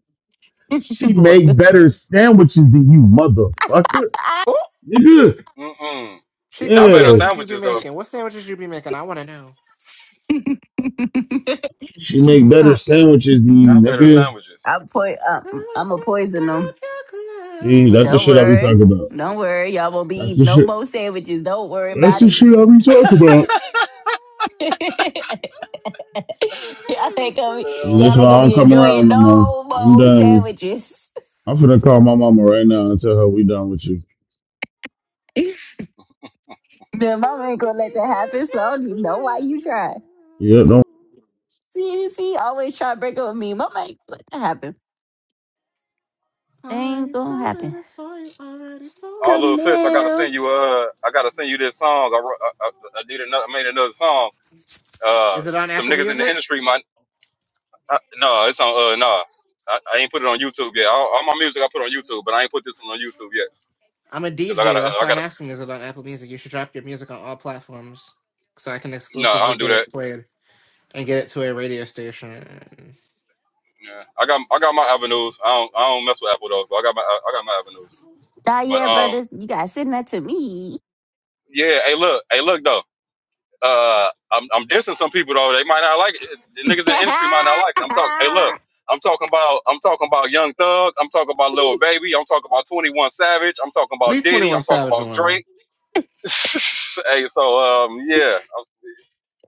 [SPEAKER 8] She make better sandwiches than you, motherfucker.
[SPEAKER 1] I,
[SPEAKER 4] Oh,
[SPEAKER 8] Nigga.
[SPEAKER 7] Mm-mm.
[SPEAKER 4] Chica,
[SPEAKER 7] Not
[SPEAKER 4] what
[SPEAKER 7] better
[SPEAKER 8] Yeah.
[SPEAKER 4] sandwiches you be
[SPEAKER 7] sandwiches though.
[SPEAKER 4] making? What sandwiches you be making? I want to know.
[SPEAKER 1] <laughs>
[SPEAKER 8] She make better sandwiches than
[SPEAKER 7] Not
[SPEAKER 8] you,
[SPEAKER 7] better
[SPEAKER 8] nigga.
[SPEAKER 7] sandwiches.
[SPEAKER 1] I'm po- um,
[SPEAKER 4] Come
[SPEAKER 1] I'm a
[SPEAKER 4] pick
[SPEAKER 1] poison them.
[SPEAKER 4] up
[SPEAKER 8] See,
[SPEAKER 4] your
[SPEAKER 8] that's the
[SPEAKER 1] Don't
[SPEAKER 8] shit I be talking
[SPEAKER 1] worry.
[SPEAKER 8] about.
[SPEAKER 1] Don't
[SPEAKER 4] clothes.
[SPEAKER 1] worry. Y'all won't be
[SPEAKER 8] That's the
[SPEAKER 1] eating no
[SPEAKER 8] shit.
[SPEAKER 1] more sandwiches. Don't worry
[SPEAKER 8] That's
[SPEAKER 1] about
[SPEAKER 8] the
[SPEAKER 1] it.
[SPEAKER 8] shit I be
[SPEAKER 7] <laughs>
[SPEAKER 8] talking
[SPEAKER 7] Hell
[SPEAKER 8] about.
[SPEAKER 1] <laughs> y'all ain't gonna be,
[SPEAKER 8] And that's
[SPEAKER 1] y'all
[SPEAKER 8] why
[SPEAKER 1] ain't
[SPEAKER 8] I
[SPEAKER 1] gonna
[SPEAKER 8] don't
[SPEAKER 7] no.
[SPEAKER 1] be
[SPEAKER 8] come around
[SPEAKER 1] enjoying
[SPEAKER 8] no more.
[SPEAKER 1] no
[SPEAKER 8] I'm
[SPEAKER 1] more
[SPEAKER 8] done.
[SPEAKER 1] sandwiches.
[SPEAKER 8] I'm finna call my mama right now and tell her we done with you.
[SPEAKER 1] Your mama ain't gonna let that happen, so I don't even know why you try.
[SPEAKER 8] Yep,
[SPEAKER 1] See, you see, you always try to break up with me. Mama ain't gonna let that happen. That ain't
[SPEAKER 4] Already
[SPEAKER 1] gonna
[SPEAKER 4] folded
[SPEAKER 1] happen.
[SPEAKER 4] it for you. Already
[SPEAKER 7] All
[SPEAKER 4] folded it
[SPEAKER 7] little sis,
[SPEAKER 4] for
[SPEAKER 7] I
[SPEAKER 4] you.
[SPEAKER 7] gotta
[SPEAKER 1] Camille.
[SPEAKER 7] send you. Uh, I gotta send you this song. I wrote- I, I, I did another, I made another song. Uh,
[SPEAKER 4] Is it on
[SPEAKER 7] some
[SPEAKER 4] Apple
[SPEAKER 7] niggas in the
[SPEAKER 4] Music?
[SPEAKER 7] industry. my. I, no, it's on. Uh, no, I, I ain't put it on YouTube yet. All, all my music I put on YouTube, but I ain't put this one on YouTube yet
[SPEAKER 4] I'm a
[SPEAKER 7] because I
[SPEAKER 4] DJ.
[SPEAKER 7] gotta.
[SPEAKER 4] That's
[SPEAKER 7] I
[SPEAKER 4] why I'm
[SPEAKER 7] gotta.
[SPEAKER 4] asking. Is it on Apple Music? You should drop your music on all platforms, so I can
[SPEAKER 7] No, I
[SPEAKER 4] exclusively
[SPEAKER 7] don't do
[SPEAKER 4] get it
[SPEAKER 7] that.
[SPEAKER 4] played and get it to a radio station.
[SPEAKER 7] Yeah. I got. I got my avenues. I don't. I don't mess with Apple though. But I got my. I got my avenues.
[SPEAKER 1] Nah,
[SPEAKER 7] But
[SPEAKER 1] yeah,
[SPEAKER 7] um,
[SPEAKER 1] brothers, you gotta send that to me.
[SPEAKER 7] yeah. Hey, look. Hey, look though. Uh, I'm I'm dissing some people though. They might not like it. The niggas in the industry might not like it. I'm talking. Hey, look. I'm talking about. I'm talking about Young Thug. I'm talking about Lil
[SPEAKER 1] <laughs>
[SPEAKER 7] Baby. I'm talking about Twenty One Savage. I'm talking about
[SPEAKER 4] Leave Twenty
[SPEAKER 7] Diddy. I'm
[SPEAKER 4] One
[SPEAKER 7] talking
[SPEAKER 4] Savage
[SPEAKER 7] about
[SPEAKER 4] alone.
[SPEAKER 7] Drake. <laughs> hey, so um, yeah.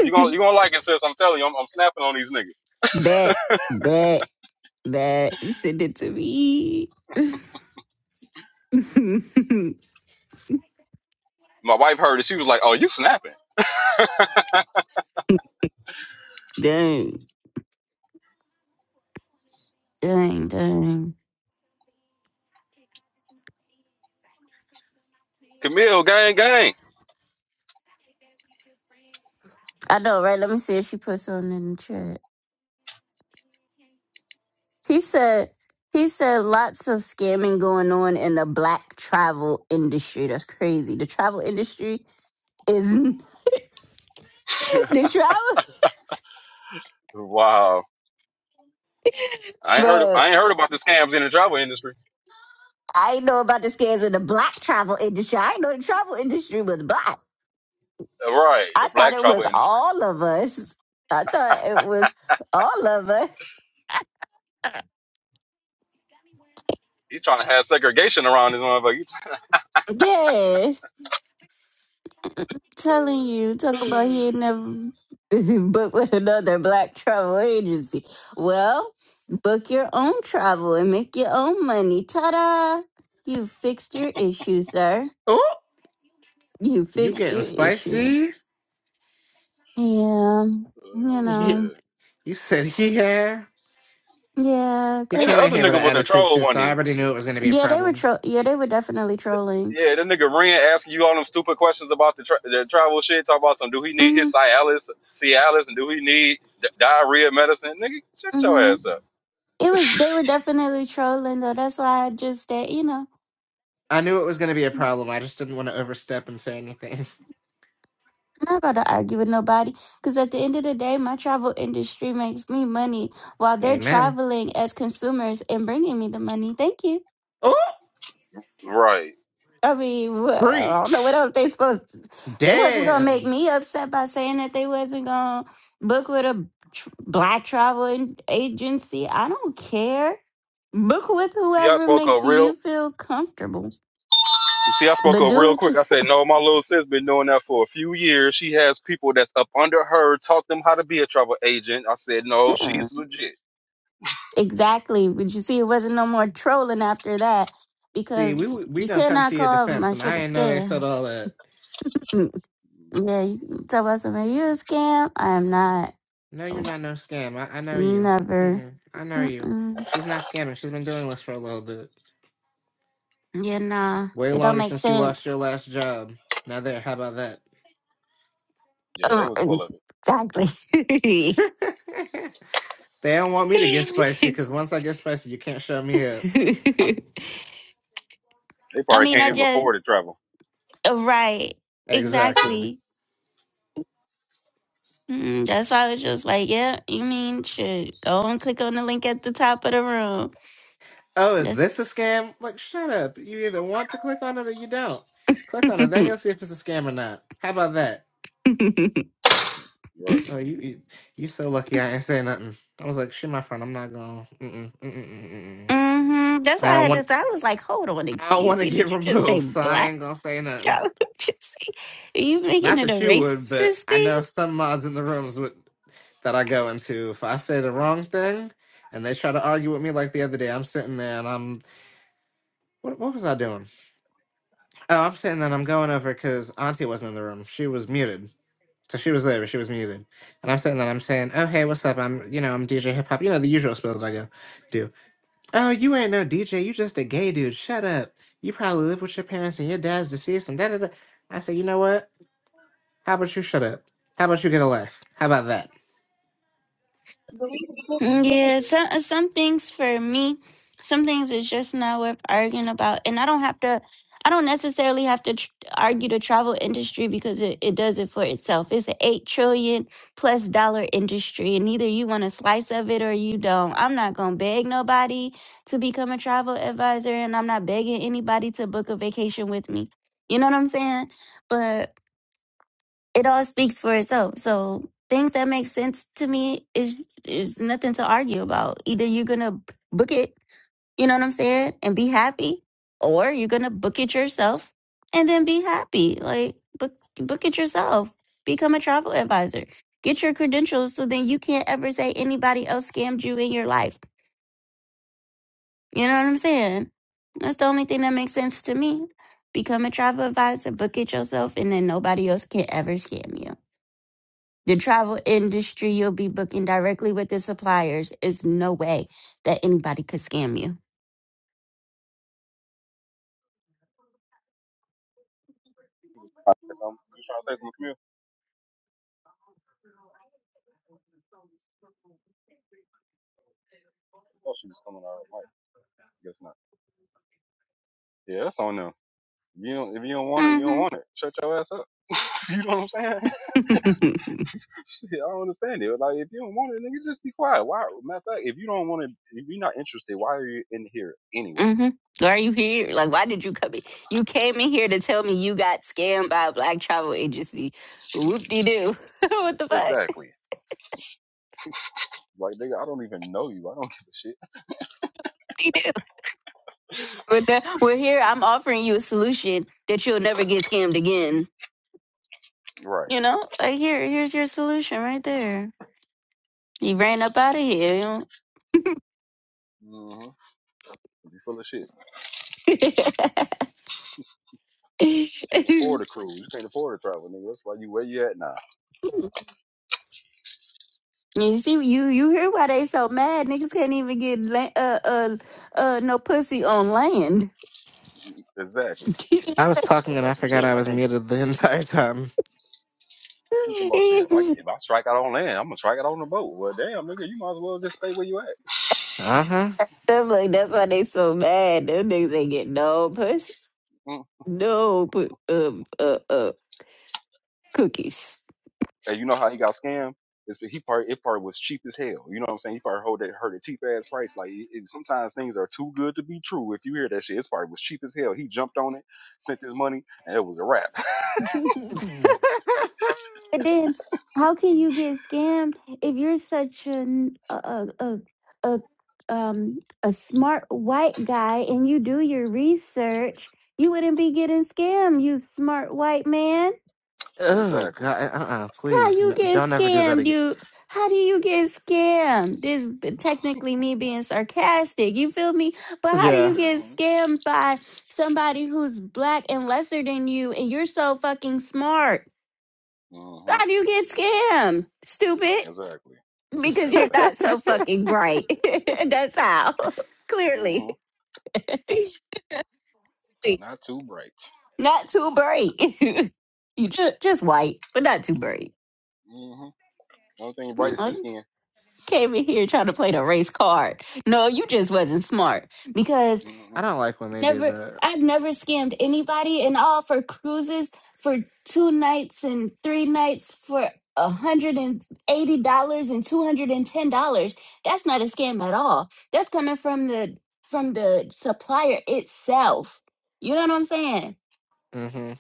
[SPEAKER 7] You gonna you gonna like it, sis. I'm telling you, I'm, I'm snapping on these niggas.
[SPEAKER 1] bet, bet, bet. Send it to me. <laughs>
[SPEAKER 7] My wife heard it. She was like, "Oh, you snapping,
[SPEAKER 1] dang, dang, dang.
[SPEAKER 7] Camille? Gang, gang."
[SPEAKER 1] I know, right? Let me see if she puts something in the chat. He said he said lots of scamming going on in the black travel industry. That's crazy. The travel industry is <laughs>
[SPEAKER 7] <laughs>
[SPEAKER 1] the travel
[SPEAKER 7] wow. I ain't heard. Of,
[SPEAKER 1] bro.
[SPEAKER 7] I ain't heard about the scams in the travel industry.
[SPEAKER 1] I ain't know about the scams in the black travel industry. I ain't know the travel industry was black.
[SPEAKER 7] Uh, Right,
[SPEAKER 1] I
[SPEAKER 7] the
[SPEAKER 1] thought
[SPEAKER 7] black
[SPEAKER 1] it
[SPEAKER 7] travel
[SPEAKER 1] was
[SPEAKER 7] industry.
[SPEAKER 1] all of us. I thought it was all of us. <laughs>
[SPEAKER 7] He's trying to have segregation around this motherfucker.
[SPEAKER 1] Yeah. telling you, talk about
[SPEAKER 7] <sighs> <laughs>
[SPEAKER 1] he ain't never <laughs> booked with another black travel agency. Well, book your own travel and make your own money. Ta da! You fixed your issue, sir.
[SPEAKER 4] Oh,
[SPEAKER 1] You
[SPEAKER 4] you
[SPEAKER 1] fixed
[SPEAKER 4] getting
[SPEAKER 1] your issue.
[SPEAKER 4] spicy?
[SPEAKER 1] Yeah, you
[SPEAKER 7] oh
[SPEAKER 4] <laughs>
[SPEAKER 1] know,
[SPEAKER 7] man.
[SPEAKER 4] You said, yeah.
[SPEAKER 1] yeah,
[SPEAKER 4] He
[SPEAKER 7] Hey, the
[SPEAKER 4] came
[SPEAKER 1] cause
[SPEAKER 4] in
[SPEAKER 7] other
[SPEAKER 4] here with
[SPEAKER 7] nigga
[SPEAKER 4] an
[SPEAKER 7] was a
[SPEAKER 4] attitude
[SPEAKER 7] troll,
[SPEAKER 4] too,
[SPEAKER 7] wasn't
[SPEAKER 4] so I
[SPEAKER 7] he?
[SPEAKER 4] already knew it was going to be a
[SPEAKER 1] yeah, they were
[SPEAKER 4] problem.
[SPEAKER 1] tro- yeah, they were definitely trolling.
[SPEAKER 7] Yeah, that nigga Ren asking you all them stupid questions about the, tra- the travel shit. Talk about some, do he need his
[SPEAKER 1] Mhm,
[SPEAKER 7] Cialis, Cialis, and do he need di- diarrhea medicine? Nigga, shut your
[SPEAKER 1] mhm.
[SPEAKER 7] ass up.
[SPEAKER 1] It was they were definitely trolling though. That's why I just said, you know.
[SPEAKER 4] I knew it was going to be a problem. I just didn't want to overstep and say anything.
[SPEAKER 1] I'm not about to argue with nobody because at the end of the day, my travel industry makes me money while
[SPEAKER 4] <laughs>
[SPEAKER 1] they're
[SPEAKER 4] Amen.
[SPEAKER 1] traveling as consumers and bringing me the money. Thank you.
[SPEAKER 4] Oh,
[SPEAKER 7] Right.
[SPEAKER 1] I mean, wha- I don't know what
[SPEAKER 4] preach.
[SPEAKER 1] else they supposed. To, they wasn't gonna make
[SPEAKER 4] Damn.
[SPEAKER 1] me upset by saying that they wasn't gonna book with a tr- black travel agency. I don't care. Book with
[SPEAKER 7] You see, I
[SPEAKER 1] whoever
[SPEAKER 7] spoke up
[SPEAKER 1] makes
[SPEAKER 7] real.
[SPEAKER 1] you feel comfortable,
[SPEAKER 7] You see, I spoke
[SPEAKER 1] but
[SPEAKER 7] up
[SPEAKER 1] do
[SPEAKER 7] real
[SPEAKER 1] it
[SPEAKER 7] quick. I
[SPEAKER 1] yourself. <laughs>
[SPEAKER 7] said, no, my little sis been doing that for a few years. She has people that's up under her, taught them how to be a travel agent. I said, no,
[SPEAKER 1] Yeah.
[SPEAKER 7] she's legit.
[SPEAKER 1] Exactly. But you see, it wasn't no more trolling after that
[SPEAKER 4] See, we
[SPEAKER 1] because
[SPEAKER 4] we
[SPEAKER 1] you
[SPEAKER 4] gonna
[SPEAKER 1] could
[SPEAKER 4] come
[SPEAKER 1] not
[SPEAKER 4] to your
[SPEAKER 1] call
[SPEAKER 4] defense,
[SPEAKER 1] my
[SPEAKER 4] and I
[SPEAKER 1] shit a
[SPEAKER 4] ain't know they said
[SPEAKER 1] scam.
[SPEAKER 4] all that.
[SPEAKER 1] Mm, Yeah, you can tell about somebody, you a scam? I am not.
[SPEAKER 4] No, you're
[SPEAKER 1] Oh,
[SPEAKER 4] not no scam. I, I know you.
[SPEAKER 1] Never.
[SPEAKER 4] Mm-mm, I know you.
[SPEAKER 1] Mm-mm.
[SPEAKER 4] She's not scamming. She's been doing this for a little bit,
[SPEAKER 1] Yeah, nah.
[SPEAKER 4] way
[SPEAKER 1] It don't
[SPEAKER 4] longer
[SPEAKER 1] make
[SPEAKER 4] since you lost your
[SPEAKER 1] sense.
[SPEAKER 4] last job. Now there, how about that?
[SPEAKER 7] Yeah, they
[SPEAKER 1] Oh,
[SPEAKER 7] was full of it.
[SPEAKER 1] exactly. <laughs>
[SPEAKER 4] <laughs> they don't want me to get spicy because once I get spicy, you can't shut me up.
[SPEAKER 7] They
[SPEAKER 1] I
[SPEAKER 7] probably
[SPEAKER 4] I'm
[SPEAKER 1] mean,
[SPEAKER 7] can't
[SPEAKER 1] I
[SPEAKER 7] even
[SPEAKER 4] sure.
[SPEAKER 1] just,
[SPEAKER 7] afford to travel.
[SPEAKER 1] uh, right.
[SPEAKER 4] Exactly.
[SPEAKER 1] Exactly. Mm, that's why I was just like, yeah, you mean, shit, go and click on the link at the top of the room.
[SPEAKER 4] Oh, is
[SPEAKER 1] That's
[SPEAKER 4] this a scam? Like, shut up. You either want to click on it or you don't.
[SPEAKER 1] <laughs>
[SPEAKER 4] Click on it, then
[SPEAKER 1] hmm
[SPEAKER 4] you'll see if it's a scam or not. How about that?
[SPEAKER 7] You're right.
[SPEAKER 4] Oh, you you, you so lucky I ain't say nothing. I was like, shit, my friend, I'm not going. Mm-mm, mm-mm, mm-mm. mm-mm.
[SPEAKER 1] That's why
[SPEAKER 4] I
[SPEAKER 1] I
[SPEAKER 4] don't
[SPEAKER 1] had
[SPEAKER 4] want.
[SPEAKER 1] to. I was like, hold on,
[SPEAKER 4] I don't want
[SPEAKER 1] excuse
[SPEAKER 4] to
[SPEAKER 1] me.
[SPEAKER 4] get <laughs>
[SPEAKER 1] Did you just say
[SPEAKER 4] removed, so I
[SPEAKER 1] black?
[SPEAKER 4] ain't gonna say
[SPEAKER 1] <laughs>
[SPEAKER 4] nothing.
[SPEAKER 1] Joe? Just say- Are you making
[SPEAKER 4] Not
[SPEAKER 1] it a
[SPEAKER 4] that you would, but
[SPEAKER 1] racist
[SPEAKER 4] I
[SPEAKER 1] thing?
[SPEAKER 4] know some mods in the rooms would, that I go into. If I say the wrong thing, and they try to argue with me, like the other day, I'm sitting there and I'm, what, what was I doing? Oh, I'm sitting there and I'm going over because Auntie wasn't in the room. She was muted. So she was there, but she was muted. And I'm sitting there and I'm saying, oh, hey, what's up? I'm, you know, I'm DJ Hip Hop. You know, the usual spiel that I go do. Oh, you ain't no DJ. You just a gay dude. Shut up. You probably live with your parents and your dad's deceased and da da da. I said, you know what? How about you shut up? How about you get a life? How about that?
[SPEAKER 1] Mm,
[SPEAKER 9] Believe
[SPEAKER 1] Yeah, some some things for me, some things is just not worth arguing about, and I don't have to. I don't necessarily have to tr- argue the travel industry because it, it does it for itself. It's an eight trillion plus dollar industry, and either you want a slice of it or you don't. I'm not gonna beg nobody to become a travel advisor, and I'm not begging anybody to book a vacation with me. You know what I'm saying? But it all speaks for itself. So things that make sense to me is is nothing to argue about. Either you're gonna book it, you know what I'm saying, and be happy, or you're gonna book it yourself and then be happy. Like book book it yourself. Become a travel advisor. Get your credentials so then you can't ever say anybody else scammed you in your life. You know what I'm saying? That's the only thing that makes sense to me. Become a travel advisor, book it yourself, and then nobody else can ever scam you. The travel industry, you'll be booking directly with the suppliers. It's no way that anybody could scam you.
[SPEAKER 7] Um, you trying to say something, Camille? I thought she was coming out of the mic. Guess not. Yeah, that's on them. If you don't, if you don't want it, you don't
[SPEAKER 1] Mm-hmm.
[SPEAKER 7] want it. Shut your ass up. <laughs> you know what I'm saying? <laughs>
[SPEAKER 1] <laughs>
[SPEAKER 7] Shit, I don't understand it. Like, if you don't want it, nigga, just be quiet. Why? Matter of fact, if you don't want it, if you're not interested, why are you in here anyway?
[SPEAKER 1] mm-hmm. Why are you here? Like, why did you come in? You came in here to tell me you got scammed by a black travel agency. Whoop de doo. <laughs> what the fuck?
[SPEAKER 7] Exactly. Like, nigga, I don't even know you. I don't <laughs> give a shit.
[SPEAKER 1] Whoop-de-doo. But the- Well, here I'm offering you a solution that you'll never get scammed again.
[SPEAKER 7] Right.
[SPEAKER 1] You know, like here, here's your solution right there. You ran up out of here.
[SPEAKER 7] Mm-hmm. You full of shit. Can't
[SPEAKER 1] you
[SPEAKER 7] afford a cruise. You can't afford to travel, nigga. That's why you where you at now.
[SPEAKER 1] know? <laughs> You see, you you hear why they so mad? Niggas can't even get la- uh uh uh no pussy on land.
[SPEAKER 7] Exactly.
[SPEAKER 1] <laughs>
[SPEAKER 4] I was
[SPEAKER 7] Talk
[SPEAKER 4] talking and
[SPEAKER 7] about
[SPEAKER 4] I
[SPEAKER 7] some shit.
[SPEAKER 4] forgot
[SPEAKER 7] If
[SPEAKER 4] I
[SPEAKER 7] I
[SPEAKER 4] was
[SPEAKER 7] can't get,
[SPEAKER 4] muted the <laughs> entire time.
[SPEAKER 7] you talk about shit. If I, if I strike out on land, I'm gonna strike out on the boat. Well, damn, nigga, you might as well just stay where you at.
[SPEAKER 4] Uh huh.
[SPEAKER 1] I'm like, that's why they so mad. Them niggas ain't get no puss,
[SPEAKER 7] Mm.
[SPEAKER 1] no pu- uh, uh uh cookies.
[SPEAKER 7] And you know how he got scammed? It's, he part it part was cheap as hell. You know what I'm saying? He probably heard that heard a cheap ass price. Like it, it- sometimes things are too good to be true. If you hear that shit, it's probably was cheap as hell. He jumped on it, spent his money, and it was a wrap.
[SPEAKER 1] <laughs> But then,
[SPEAKER 4] <laughs>
[SPEAKER 1] how can you get scammed if you're such an a a a a, um a smart white guy and you do your research? You wouldn't be getting scammed, you smart white man.
[SPEAKER 7] <laughs>
[SPEAKER 4] oh,
[SPEAKER 7] exactly.
[SPEAKER 4] God. Uh uh
[SPEAKER 1] How
[SPEAKER 4] please.
[SPEAKER 1] you
[SPEAKER 4] No,
[SPEAKER 1] get
[SPEAKER 4] don't ever do that
[SPEAKER 1] scammed?
[SPEAKER 4] again.
[SPEAKER 1] You how do you get scammed? This is technically me being sarcastic. You feel me? But how do
[SPEAKER 4] Yeah.
[SPEAKER 1] you
[SPEAKER 7] hmm
[SPEAKER 1] get scammed by somebody who's black and lesser than you, and you're so fucking smart?
[SPEAKER 7] hmm
[SPEAKER 1] How do you get scammed? Stupid.
[SPEAKER 7] Exactly.
[SPEAKER 1] because
[SPEAKER 4] <laughs>
[SPEAKER 1] you're not
[SPEAKER 7] Exactly.
[SPEAKER 1] so fucking bright. <laughs> That's how. <laughs> Clearly.
[SPEAKER 7] hmm
[SPEAKER 1] <laughs>
[SPEAKER 7] Not too bright.
[SPEAKER 1] not too bright. <laughs> you just just white, but not too bright.
[SPEAKER 7] hmm Only thing bright
[SPEAKER 1] Mm,
[SPEAKER 7] is the
[SPEAKER 1] I
[SPEAKER 7] skin.
[SPEAKER 1] came in here trying to play the race card. No, you just wasn't smart
[SPEAKER 4] I
[SPEAKER 7] hmm
[SPEAKER 4] don't like when they do
[SPEAKER 1] Never,
[SPEAKER 4] that.
[SPEAKER 1] I've never scammed anybody, and all for cruises for two nights and three nights for a hundred and eighty dollars and two hundred and ten dollars. That's not a scam at all. That's coming from the from the supplier itself. You know what I'm saying?
[SPEAKER 4] hmm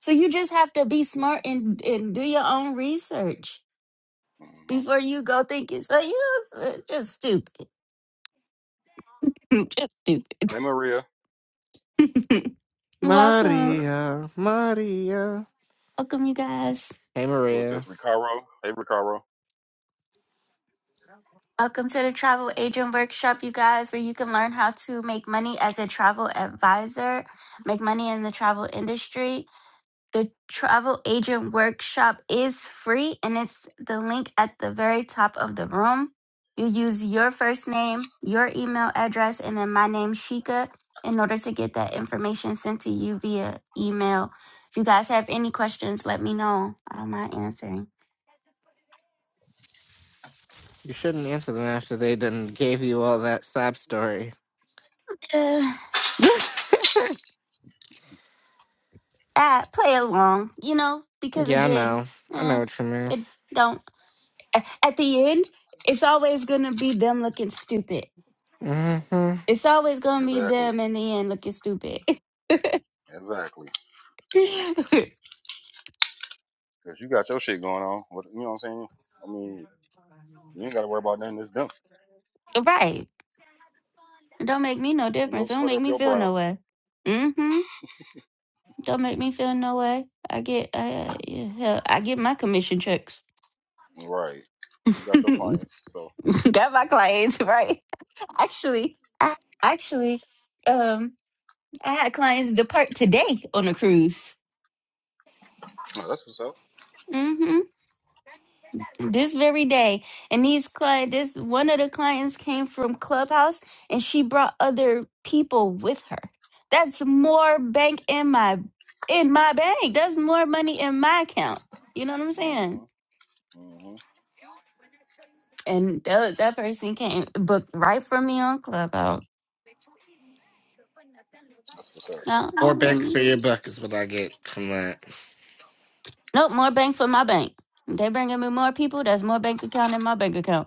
[SPEAKER 1] So you just have to be smart and and do your own research
[SPEAKER 7] hmm
[SPEAKER 1] before you go thinking. So you know, it's, uh, just stupid, <laughs> just stupid.
[SPEAKER 7] Hey Maria.
[SPEAKER 1] <laughs> welcome,
[SPEAKER 7] Exactly.
[SPEAKER 4] Maria, Maria.
[SPEAKER 1] welcome, you guys.
[SPEAKER 4] Hey,
[SPEAKER 7] Who is this?
[SPEAKER 4] Maria.
[SPEAKER 7] Ricaro? Hey Ricaro.
[SPEAKER 1] Welcome to the Travel Agent Workshop, you guys, where you can learn how to make money as a travel advisor, make money in the travel industry. The Travel Agent Workshop is free and it's the link at the very top of the room. You use your first name, your email address, and then my name, Shika, in order to get that information sent to you via email. If you guys have any questions, let me know. I don't mind answering.
[SPEAKER 4] You shouldn't answer them after they done gave you all that sob story.
[SPEAKER 1] Uh,
[SPEAKER 4] <laughs>
[SPEAKER 1] uh, play along, you know, because
[SPEAKER 4] yeah, I
[SPEAKER 1] again,
[SPEAKER 4] know. I know
[SPEAKER 1] eh,
[SPEAKER 4] what you
[SPEAKER 1] it don't. a- At the end, it's always gonna be them looking stupid.
[SPEAKER 4] mean. hmm
[SPEAKER 1] It's always gonna be
[SPEAKER 7] Exactly.
[SPEAKER 1] them in the end looking stupid. <laughs>
[SPEAKER 7] Exactly.
[SPEAKER 1] right?
[SPEAKER 7] Cause you got your shit going on. What you know what I'm saying? I mean, you ain't gotta worry about nothing It's done.
[SPEAKER 1] It Don't make me no
[SPEAKER 7] Ain't no
[SPEAKER 1] difference. It Don't
[SPEAKER 7] sweat
[SPEAKER 1] make
[SPEAKER 7] up
[SPEAKER 1] me
[SPEAKER 7] your
[SPEAKER 1] feel
[SPEAKER 7] brow.
[SPEAKER 1] no way. Mm-hmm. Don't make me feel no way. I get, I, I, yeah, hell, I get my commission checks.
[SPEAKER 7] Right.
[SPEAKER 1] <laughs>
[SPEAKER 7] You got your clients, so
[SPEAKER 1] Got my clients right. <laughs> Actually, I, actually, um. I had clients depart today on a cruise.
[SPEAKER 7] no, that's what's up.
[SPEAKER 1] hmm This very day. And these client this one of the clients came from Clubhouse and she brought other people with her. That's more bank in my in my bank. That's more money in my account. You know what I'm saying?
[SPEAKER 7] hmm hmm
[SPEAKER 1] And that, that person came booked right from me on Clubhouse.
[SPEAKER 7] That's what's up.
[SPEAKER 1] No,
[SPEAKER 4] More
[SPEAKER 1] mm,
[SPEAKER 4] banks
[SPEAKER 1] mm.
[SPEAKER 4] for your buck is what I get from that.
[SPEAKER 1] nope, more bank for my bank. They bringing me more people. That's more bank account in my bank account.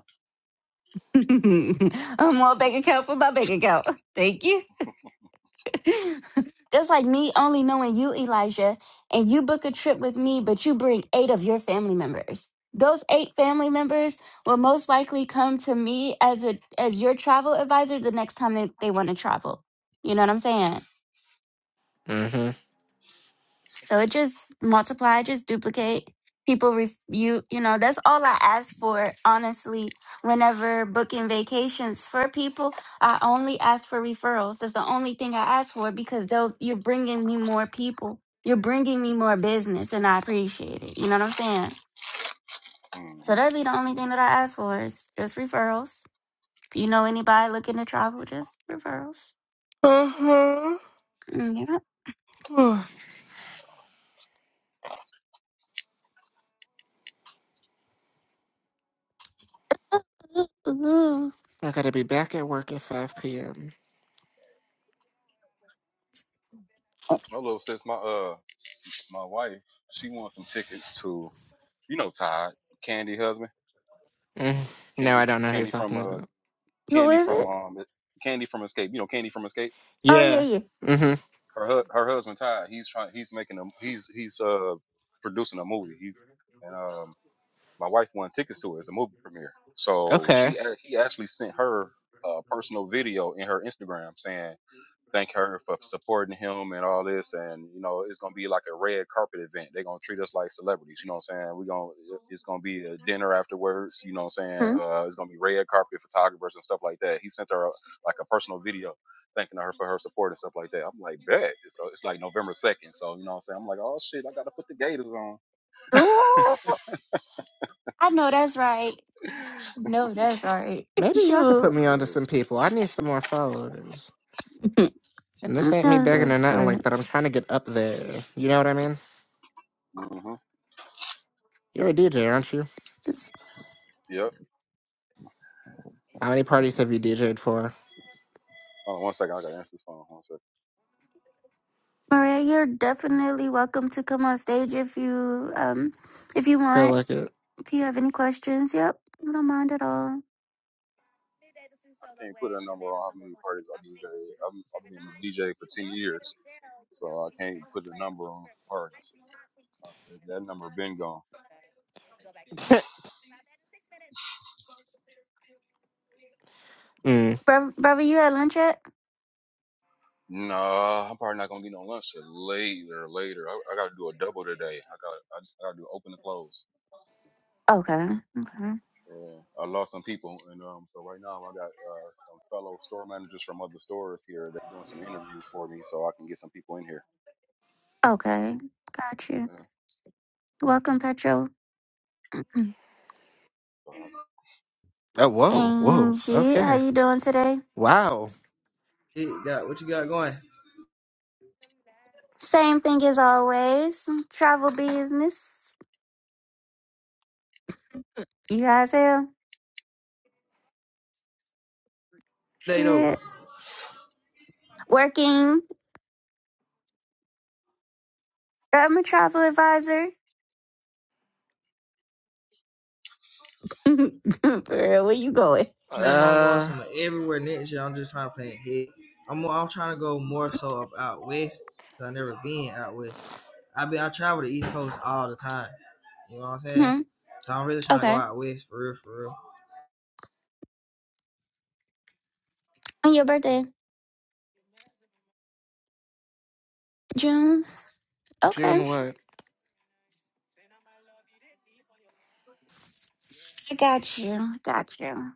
[SPEAKER 1] <laughs> I'm more
[SPEAKER 7] hmm
[SPEAKER 1] bank account for my bank account. Thank you. <laughs> Just like me only knowing you, Elijah, and you book a trip with me, but you bring eight of your family members. Those eight family members will most likely come to me as a as your travel advisor the next time they, they want to travel. You know what I'm saying?
[SPEAKER 4] hmm
[SPEAKER 1] So it just multiply, just duplicate. People ref- you you know that's all I ask for honestly. Whenever booking vacations for people, I only ask for referrals. That's the only thing I ask for because those you're bringing me more people. You're bringing me more business, and I appreciate it. You know what I'm saying? So
[SPEAKER 7] hmm
[SPEAKER 1] that'd be the only
[SPEAKER 7] mm
[SPEAKER 1] thing that I ask for is just referrals. If you know anybody looking to travel, just referrals.
[SPEAKER 4] Uh-huh.
[SPEAKER 1] Mm, yeah.
[SPEAKER 4] Whew.
[SPEAKER 1] Ooh, ooh.
[SPEAKER 4] I gotta be back at work at 5 p.m.
[SPEAKER 7] My little sis, my uh my wife, she wants some tickets to you know Todd, Candy husband,
[SPEAKER 4] Mm. No,
[SPEAKER 7] Candy
[SPEAKER 4] I don't know who you're
[SPEAKER 7] Candy from
[SPEAKER 4] talking
[SPEAKER 7] uh
[SPEAKER 4] about.
[SPEAKER 1] Who
[SPEAKER 7] Candy
[SPEAKER 1] is
[SPEAKER 7] from
[SPEAKER 1] it?
[SPEAKER 7] um Candy from Escape, you know Candy from Escape.
[SPEAKER 1] Oh yeah,
[SPEAKER 4] Yeah.
[SPEAKER 1] yeah.
[SPEAKER 4] hmm
[SPEAKER 7] Her hu- her husband Todd, he's trying he's making a he's he's uh producing a movie. He's and um my wife won tickets to it. It's a movie premiere. So
[SPEAKER 4] Okay.
[SPEAKER 7] she act- he actually sent her a personal video in her Instagram saying thank her for supporting him and all this. And you know, it's gonna be like a red carpet event. They're gonna treat us like celebrities. You know what I'm saying? We're gonna it's gonna be a dinner afterwards. You know what I'm saying?
[SPEAKER 1] Hmm?
[SPEAKER 7] Uh, it's gonna be red carpet photographers and stuff like that. He sent her a, like a personal video thanking her for her support and stuff like that. I'm like, bet. So it's like November second. So you know what I'm saying? I'm like, oh shit, I gotta put the gators on.
[SPEAKER 1] Ooh. I know that's right.
[SPEAKER 7] <laughs>
[SPEAKER 1] No, that's right. <laughs>
[SPEAKER 4] Maybe y'all could put
[SPEAKER 1] Shoot.
[SPEAKER 4] me onto some
[SPEAKER 7] yeah.
[SPEAKER 4] people. I need some more followers.
[SPEAKER 1] I
[SPEAKER 4] And this ain't me
[SPEAKER 1] know
[SPEAKER 4] begging or
[SPEAKER 1] that's
[SPEAKER 4] nothing like
[SPEAKER 1] right.
[SPEAKER 4] that. I'm trying to get up there. You know what I mean?
[SPEAKER 7] hmm
[SPEAKER 4] You're a DJ, aren't you?
[SPEAKER 1] Just-
[SPEAKER 7] Yep.
[SPEAKER 4] How many parties have you DJ'd for?
[SPEAKER 7] Hold on one second. I gotta answer this phone. One second.
[SPEAKER 1] Maria, you're definitely welcome to come on stage if you um if you
[SPEAKER 4] Feel
[SPEAKER 1] want.
[SPEAKER 4] like it?
[SPEAKER 1] If you have any questions, yep. I don't mind at all.
[SPEAKER 7] I can't put a number on how many parties I DJ. i I've I've been DJ for ten years. So I can't put a number on parties. Uh, That number been gone.
[SPEAKER 4] <laughs> mm.
[SPEAKER 1] Bro, brother, you had lunch yet?
[SPEAKER 7] Nah, I'm probably not gonna be no lunch till later. Later, I, I gotta do a double today. I got I, I gotta do open and close.
[SPEAKER 1] Okay. Okay.
[SPEAKER 7] Yeah. I lost some people, and um, so right now I got uh some fellow store managers from other stores here. They're doing some interviews for me, so I can get some people in here.
[SPEAKER 1] Okay. Got you.
[SPEAKER 7] Yeah.
[SPEAKER 1] Welcome, Petro. <clears throat>
[SPEAKER 7] So, uh,
[SPEAKER 4] Oh, whoa, whoa.
[SPEAKER 1] Angie, how
[SPEAKER 4] Okay.
[SPEAKER 1] you doing today?
[SPEAKER 4] Wow.
[SPEAKER 10] Shit, got what you got going
[SPEAKER 1] Same thing as always. Travel business. You guys have
[SPEAKER 10] today though. I'm
[SPEAKER 1] shit. Working. I'm a travel advisor. <laughs> For where you going?
[SPEAKER 10] Planning on going
[SPEAKER 4] Uh,
[SPEAKER 10] somewhere everywhere next year. I'm just trying to plan ahead. I'm I'm trying to go more so up out west because I never been out west. I been I travel the East Coast all the time. You know what I'm saying?
[SPEAKER 1] hmm
[SPEAKER 10] So I'm really trying to go
[SPEAKER 1] Okay.
[SPEAKER 10] out west for real, for real.
[SPEAKER 1] On your birthday? June. Okay.
[SPEAKER 4] June what?
[SPEAKER 1] I got you. Got you.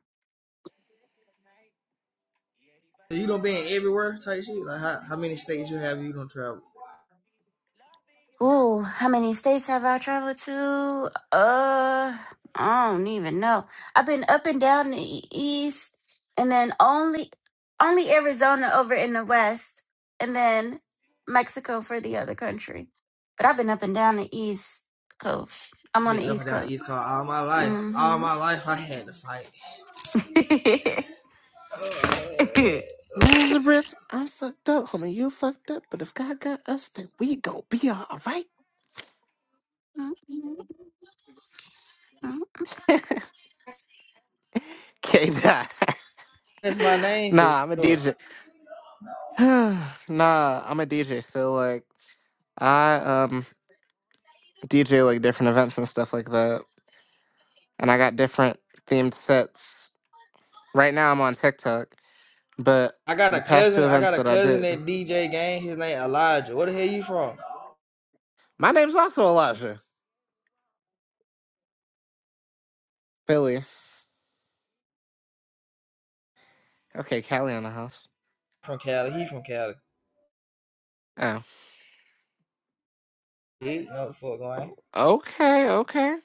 [SPEAKER 10] So, You don't been everywhere type shit. Like how, how many states you have you don't travel?
[SPEAKER 1] Ooh, how many states have I traveled to? Uh, I don't even know. I've been up and down the e- east, and then only, only Arizona over in the west, and then Mexico for the other country. But I've been up and down the east coast. I'm
[SPEAKER 10] I've
[SPEAKER 1] on
[SPEAKER 10] been
[SPEAKER 1] the
[SPEAKER 10] up and
[SPEAKER 1] east
[SPEAKER 10] down the
[SPEAKER 1] coast.
[SPEAKER 10] East Coast all my life. All my life I had to fight.
[SPEAKER 1] Mm-hmm. <laughs> <laughs>
[SPEAKER 4] Nazareth, I'm fucked up, homie. You fucked up, but if God got us, then we gon' be alright. <laughs> K dot. <laughs>
[SPEAKER 10] That's my name for
[SPEAKER 4] Nah, I'm a
[SPEAKER 10] sure.
[SPEAKER 4] DJ. <sighs> nah, I'm a DJ. So like. I um DJ like different events and stuff like that, and I got different themed sets. Right now I'm on TikTok, but
[SPEAKER 10] I got
[SPEAKER 4] the
[SPEAKER 10] a
[SPEAKER 4] past two
[SPEAKER 10] cousin. I
[SPEAKER 4] events
[SPEAKER 10] got a
[SPEAKER 4] that I
[SPEAKER 10] cousin that
[SPEAKER 4] did,
[SPEAKER 10] DJ gang. His name Elijah. Where the hell you from?
[SPEAKER 4] my name's also Elijah Billy. Okay, Callie on the house.
[SPEAKER 10] from Cali. He from Cali.
[SPEAKER 4] Oh,
[SPEAKER 10] He know the fuck going.
[SPEAKER 4] okay, okay.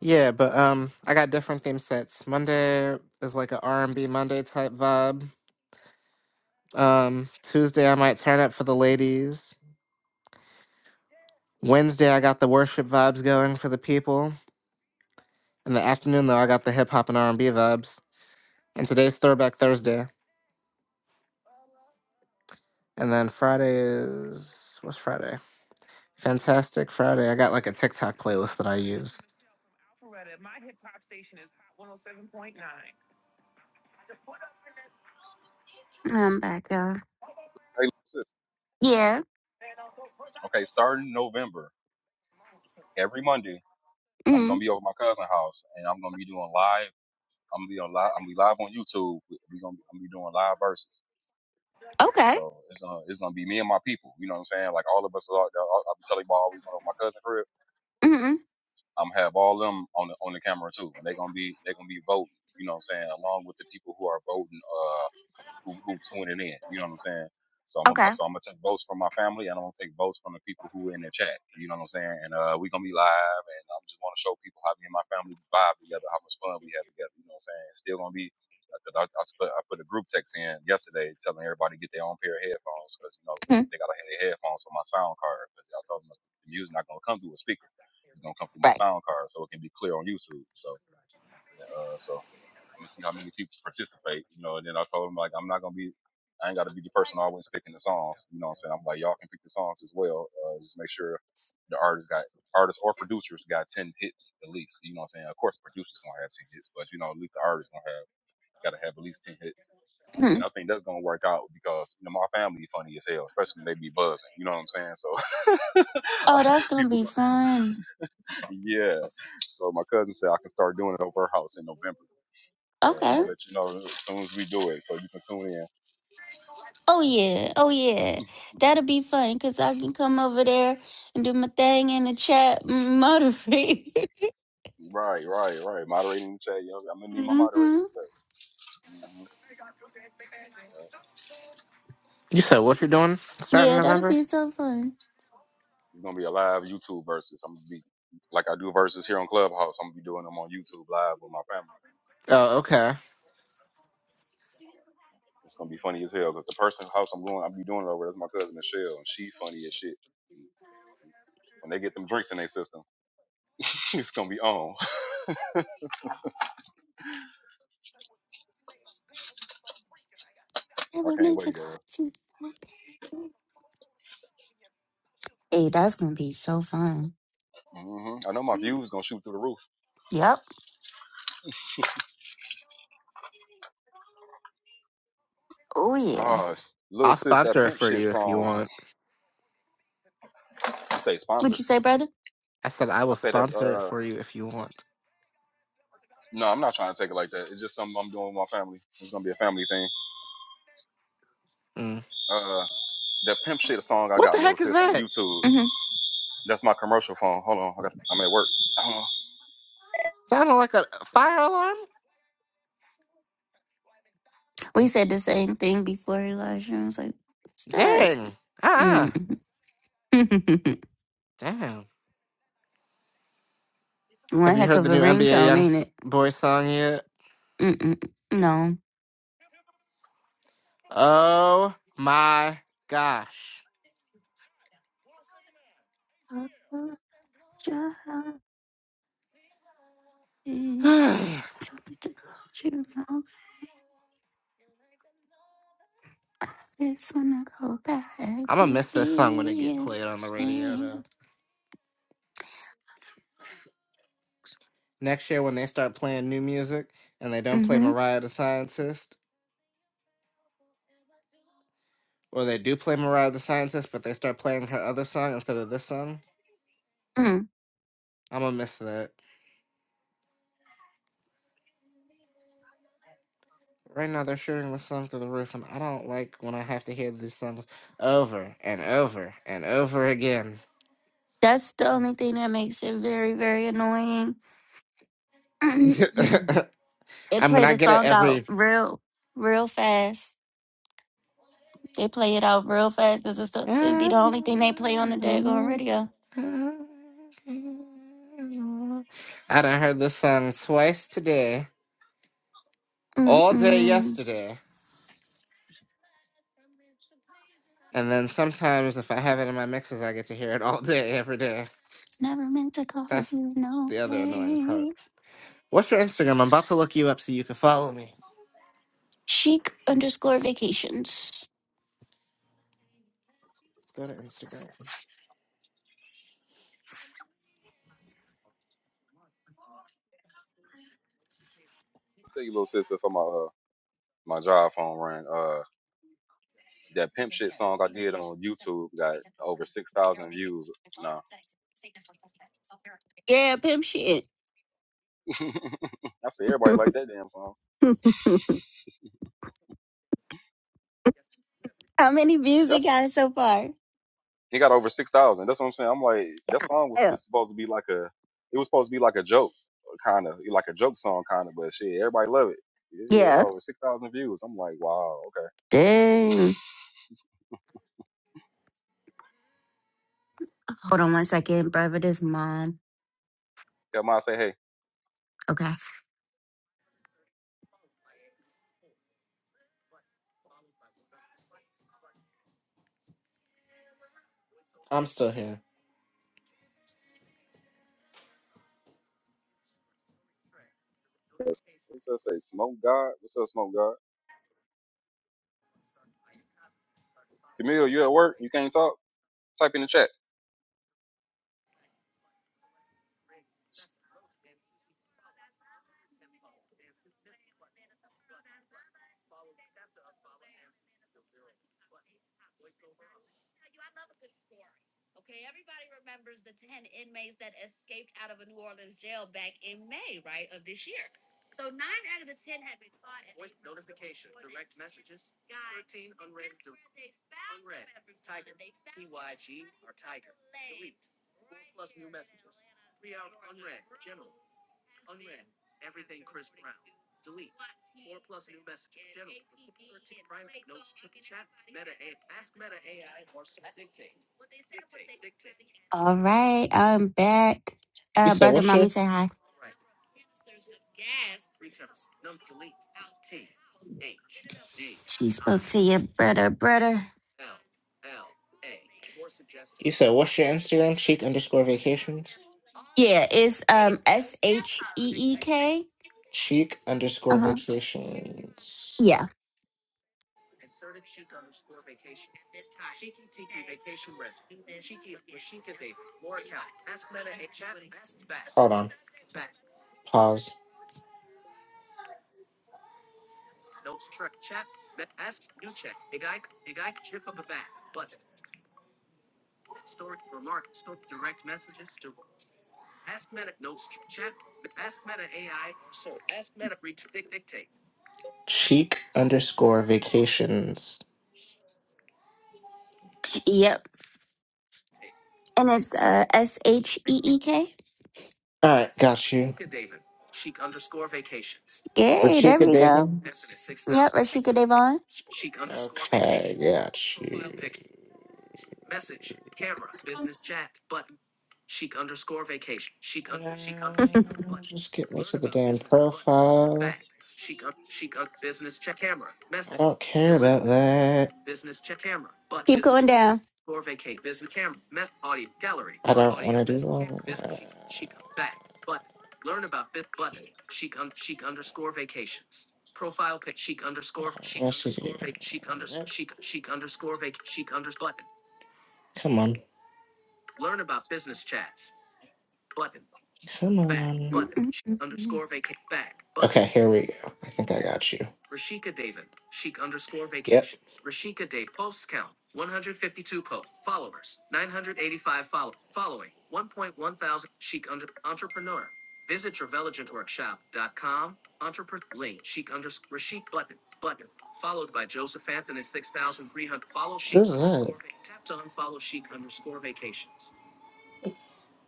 [SPEAKER 4] Yeah, but um, I got different theme sets. Monday is like a R&B Monday type vibe. Um, Tuesday I might turn up for the ladies. Wednesday I got the worship vibes going for the people. In the afternoon though, I got the hip hop and R&B vibes. And today's Throwback Thursday. And then Friday is what's Friday? Fantastic Friday. I got like a TikTok playlist that I use.
[SPEAKER 1] I'm back, y'all.
[SPEAKER 7] hey, what's this?
[SPEAKER 1] Yeah.
[SPEAKER 7] Okay, starting November, every Monday, I'm
[SPEAKER 1] hmm
[SPEAKER 7] gonna be over at my cousin's house, and I'm gonna be doing live. I'm gonna be on live. I'm gonna be live on YouTube. We we gonna be, I'm gonna be doing live verses.
[SPEAKER 1] Okay.
[SPEAKER 7] So it's gonna it's gonna be me and my people. You know what I'm saying? Like all of us are. out there. I'll, I'll be telling y'all we going to my cousin crib.
[SPEAKER 1] hmm
[SPEAKER 7] I'm gonna have all them on the on the camera too, and they're gonna be they're gonna be voting. You know what I'm saying? Along with the people who are voting uh who who tuning in. You know what I'm saying? So I'm gonna
[SPEAKER 1] Okay.
[SPEAKER 7] so I'm gonna take votes from my family and I'm gonna take votes from the people who are in the chat. You know what I'm saying? And uh we gonna be live and I'm just wanna show people how me and my family vibe together, how much fun we have together, you know what I'm saying? It's still gonna be because I, I, put, I put a group text in yesterday telling everybody to get their own pair of headphones because you know they gotta have their headphones for my sound card because I told them the music not gonna come through a speaker. It's gonna come through my sound card so it can be clear on YouTube. So uh so I'm gonna see how many people participate, you know. And then I told him like I'm not gonna be, I ain't gotta be the person always picking the songs, you know. what I'm saying I'm like y'all can pick the songs as well. Uh, just make sure the artist got artists or producers got ten hits at least. You know what I'm saying? Of course, the producers gonna have ten hits, but you know at least the artist gonna have gotta have at least ten hits. And
[SPEAKER 1] Mhm.
[SPEAKER 7] I think that's gonna work out because you know my family funny as hell, especially when they be buzzing. You know what I'm saying? So
[SPEAKER 1] oh, that's
[SPEAKER 7] <laughs>
[SPEAKER 1] gonna
[SPEAKER 7] people,
[SPEAKER 1] be
[SPEAKER 7] go,
[SPEAKER 1] fun.
[SPEAKER 7] yeah. So my cousin said I can start doing it over her house in November. So I'm
[SPEAKER 1] Okay.
[SPEAKER 7] gonna let you know as soon as we do it, so you can tune in.
[SPEAKER 1] Oh yeah. Oh yeah. That'll be fun because I can come over there and do my thing in the chat mm, moderate.
[SPEAKER 7] Right, right, right. Moderating the chat, yo. I'm gonna
[SPEAKER 1] <laughs>
[SPEAKER 7] need my
[SPEAKER 1] hmm
[SPEAKER 7] moderators. Yes. hmm Yeah.
[SPEAKER 4] You said what you're doing starting
[SPEAKER 1] Yeah, that'll
[SPEAKER 4] November?
[SPEAKER 1] be so fun.
[SPEAKER 7] It's gonna be a live YouTube versus. I'm gonna be like I do versus here on Clubhouse. I'm gonna be doing them on YouTube live with my family.
[SPEAKER 4] Oh, okay.
[SPEAKER 7] It's gonna be funny as hell because the person house I'm going, I'll be doing it over. That's my cousin Michelle, and she funny as shit. Mm, And when they get them drinks in their system, <laughs> it's gonna be on. <laughs> I
[SPEAKER 1] Never
[SPEAKER 7] can't
[SPEAKER 1] meant to
[SPEAKER 7] wait
[SPEAKER 1] come
[SPEAKER 7] though.
[SPEAKER 1] to. Hey, that's gonna be so fun.
[SPEAKER 7] hmm I know my views gonna shoot through the roof.
[SPEAKER 1] Yep. Oh yeah.
[SPEAKER 7] Ah, little
[SPEAKER 4] I'll
[SPEAKER 7] sis, that
[SPEAKER 4] sponsor it
[SPEAKER 7] pimp
[SPEAKER 4] for
[SPEAKER 7] shit
[SPEAKER 4] you if you
[SPEAKER 7] song.
[SPEAKER 4] want.
[SPEAKER 7] I say sponsored.
[SPEAKER 1] What'd you say, brother?
[SPEAKER 4] I said I will
[SPEAKER 7] I say that.
[SPEAKER 4] sponsor it
[SPEAKER 7] Uh,
[SPEAKER 4] for you if you want.
[SPEAKER 7] no, I'm not trying to take it like that. It's just something I'm doing with my family. It's gonna be a family thing.
[SPEAKER 4] Mm.
[SPEAKER 7] Uh, that pimp shit song I
[SPEAKER 4] What the
[SPEAKER 7] got, little
[SPEAKER 4] heck is
[SPEAKER 7] sis, on
[SPEAKER 4] that?
[SPEAKER 7] YouTube. That's my commercial phone. Hold on, I got, I'm at work. Uh,
[SPEAKER 4] Sounded like a fire alarm?
[SPEAKER 1] We said the same thing before Elijah. I was like, what's that?
[SPEAKER 4] Dang. Ah,
[SPEAKER 1] Mm. <laughs>
[SPEAKER 4] damn.
[SPEAKER 1] One
[SPEAKER 4] Have you
[SPEAKER 1] heck
[SPEAKER 4] heard
[SPEAKER 1] of
[SPEAKER 4] the
[SPEAKER 1] a
[SPEAKER 4] new NBA
[SPEAKER 1] ringtone,
[SPEAKER 4] Young
[SPEAKER 1] ain't it?
[SPEAKER 4] Boy song yet?
[SPEAKER 1] Mm-mm. No.
[SPEAKER 4] Oh my gosh.
[SPEAKER 1] Something
[SPEAKER 4] <sighs>
[SPEAKER 1] to close your mouth. It's when I go back
[SPEAKER 4] I'm gonna
[SPEAKER 1] to
[SPEAKER 4] miss this song when it get
[SPEAKER 1] being the
[SPEAKER 4] played on the radio though.
[SPEAKER 1] same.
[SPEAKER 4] Next year when they start playing new music and they don't play
[SPEAKER 1] Mm-hmm.
[SPEAKER 4] Mariah the Scientist, or they do play Mariah the Scientist but they start playing her other song instead of this song,
[SPEAKER 1] Mm.
[SPEAKER 4] I'm gonna miss that. Right now they're shooting this song through the roof and I don't like when I have to hear these songs over and over and over again.
[SPEAKER 1] That's the only thing that makes it very, very annoying. <clears throat>
[SPEAKER 4] <laughs>
[SPEAKER 1] it
[SPEAKER 4] I mean
[SPEAKER 1] played
[SPEAKER 4] I
[SPEAKER 1] a
[SPEAKER 4] get it
[SPEAKER 1] song out
[SPEAKER 4] every
[SPEAKER 1] real, real fast. They play it out real fast because it's the,
[SPEAKER 4] I
[SPEAKER 1] it'd be the only thing they play on the daggone radio.
[SPEAKER 4] done heard this song twice today, all day
[SPEAKER 1] Mm-mm.
[SPEAKER 4] yesterday, and then sometimes if I have it in my mixes, I get to hear it all day, every day.
[SPEAKER 1] Never meant to
[SPEAKER 4] That's
[SPEAKER 1] cause you no
[SPEAKER 4] the other annoying part.
[SPEAKER 1] pain.
[SPEAKER 4] What's your Instagram? I'm about to look you up so you can follow me.
[SPEAKER 1] Chic underscore vacations.
[SPEAKER 4] Go to Instagram.
[SPEAKER 7] tell you, little sis, for my uh, my drive phone ran. Uh, that pimp shit song I did on YouTube got over six thousand views. Nah,
[SPEAKER 1] Yeah, pimp shit.
[SPEAKER 7] <laughs> I say
[SPEAKER 1] <laughs>
[SPEAKER 7] everybody like that damn song.
[SPEAKER 1] How many
[SPEAKER 7] And
[SPEAKER 1] views it
[SPEAKER 7] That's
[SPEAKER 1] got so far?
[SPEAKER 7] He got over six thousand. That's what I'm saying. I'm like, that song was
[SPEAKER 1] Yeah.
[SPEAKER 7] just supposed to be like a, it was supposed to be like a joke, kind of, like a joke song, kind of. But shit, everybody love it. Yeah, yeah, it got
[SPEAKER 1] Yeah.
[SPEAKER 7] over six thousand views. I'm like, wow, okay.
[SPEAKER 1] Dang. Hold on one second, brother. This mom.
[SPEAKER 7] Tell mine say, hey,
[SPEAKER 1] Okay.
[SPEAKER 4] I'm still here.
[SPEAKER 7] what's up? Say, smoke God. What's up, smoke God? Camille, you at work? You can't talk? Type in the chat.
[SPEAKER 1] All right, I'm back.
[SPEAKER 4] You
[SPEAKER 1] Uh,
[SPEAKER 4] said
[SPEAKER 1] brother,
[SPEAKER 4] what's your?
[SPEAKER 1] mommy, say hi. She spoke to your brother, brother.
[SPEAKER 4] You said what's your Instagram? Cheek underscore vacations.
[SPEAKER 1] Yeah, it's um S H E E K.
[SPEAKER 4] Cheek
[SPEAKER 1] Uh
[SPEAKER 4] underscore
[SPEAKER 1] huh.
[SPEAKER 4] vacations.
[SPEAKER 1] Yeah.
[SPEAKER 4] Hold on. Pause. Cheek underscore vacations.
[SPEAKER 1] Yep. And it's uh S H E E K.
[SPEAKER 4] All right, got you.
[SPEAKER 1] Yay! There
[SPEAKER 4] Rashika
[SPEAKER 1] we go.
[SPEAKER 4] Davis.
[SPEAKER 1] Yep. Rashika Devon.
[SPEAKER 4] Okay, got you. Uh,
[SPEAKER 1] <laughs>
[SPEAKER 4] Just get me to the damn profile. I don't care about that.
[SPEAKER 1] Keep going down.
[SPEAKER 4] I don't want to do all of that. Yes, Come on. Come
[SPEAKER 1] Mm-mm-mm.
[SPEAKER 4] here we go. I think I got you.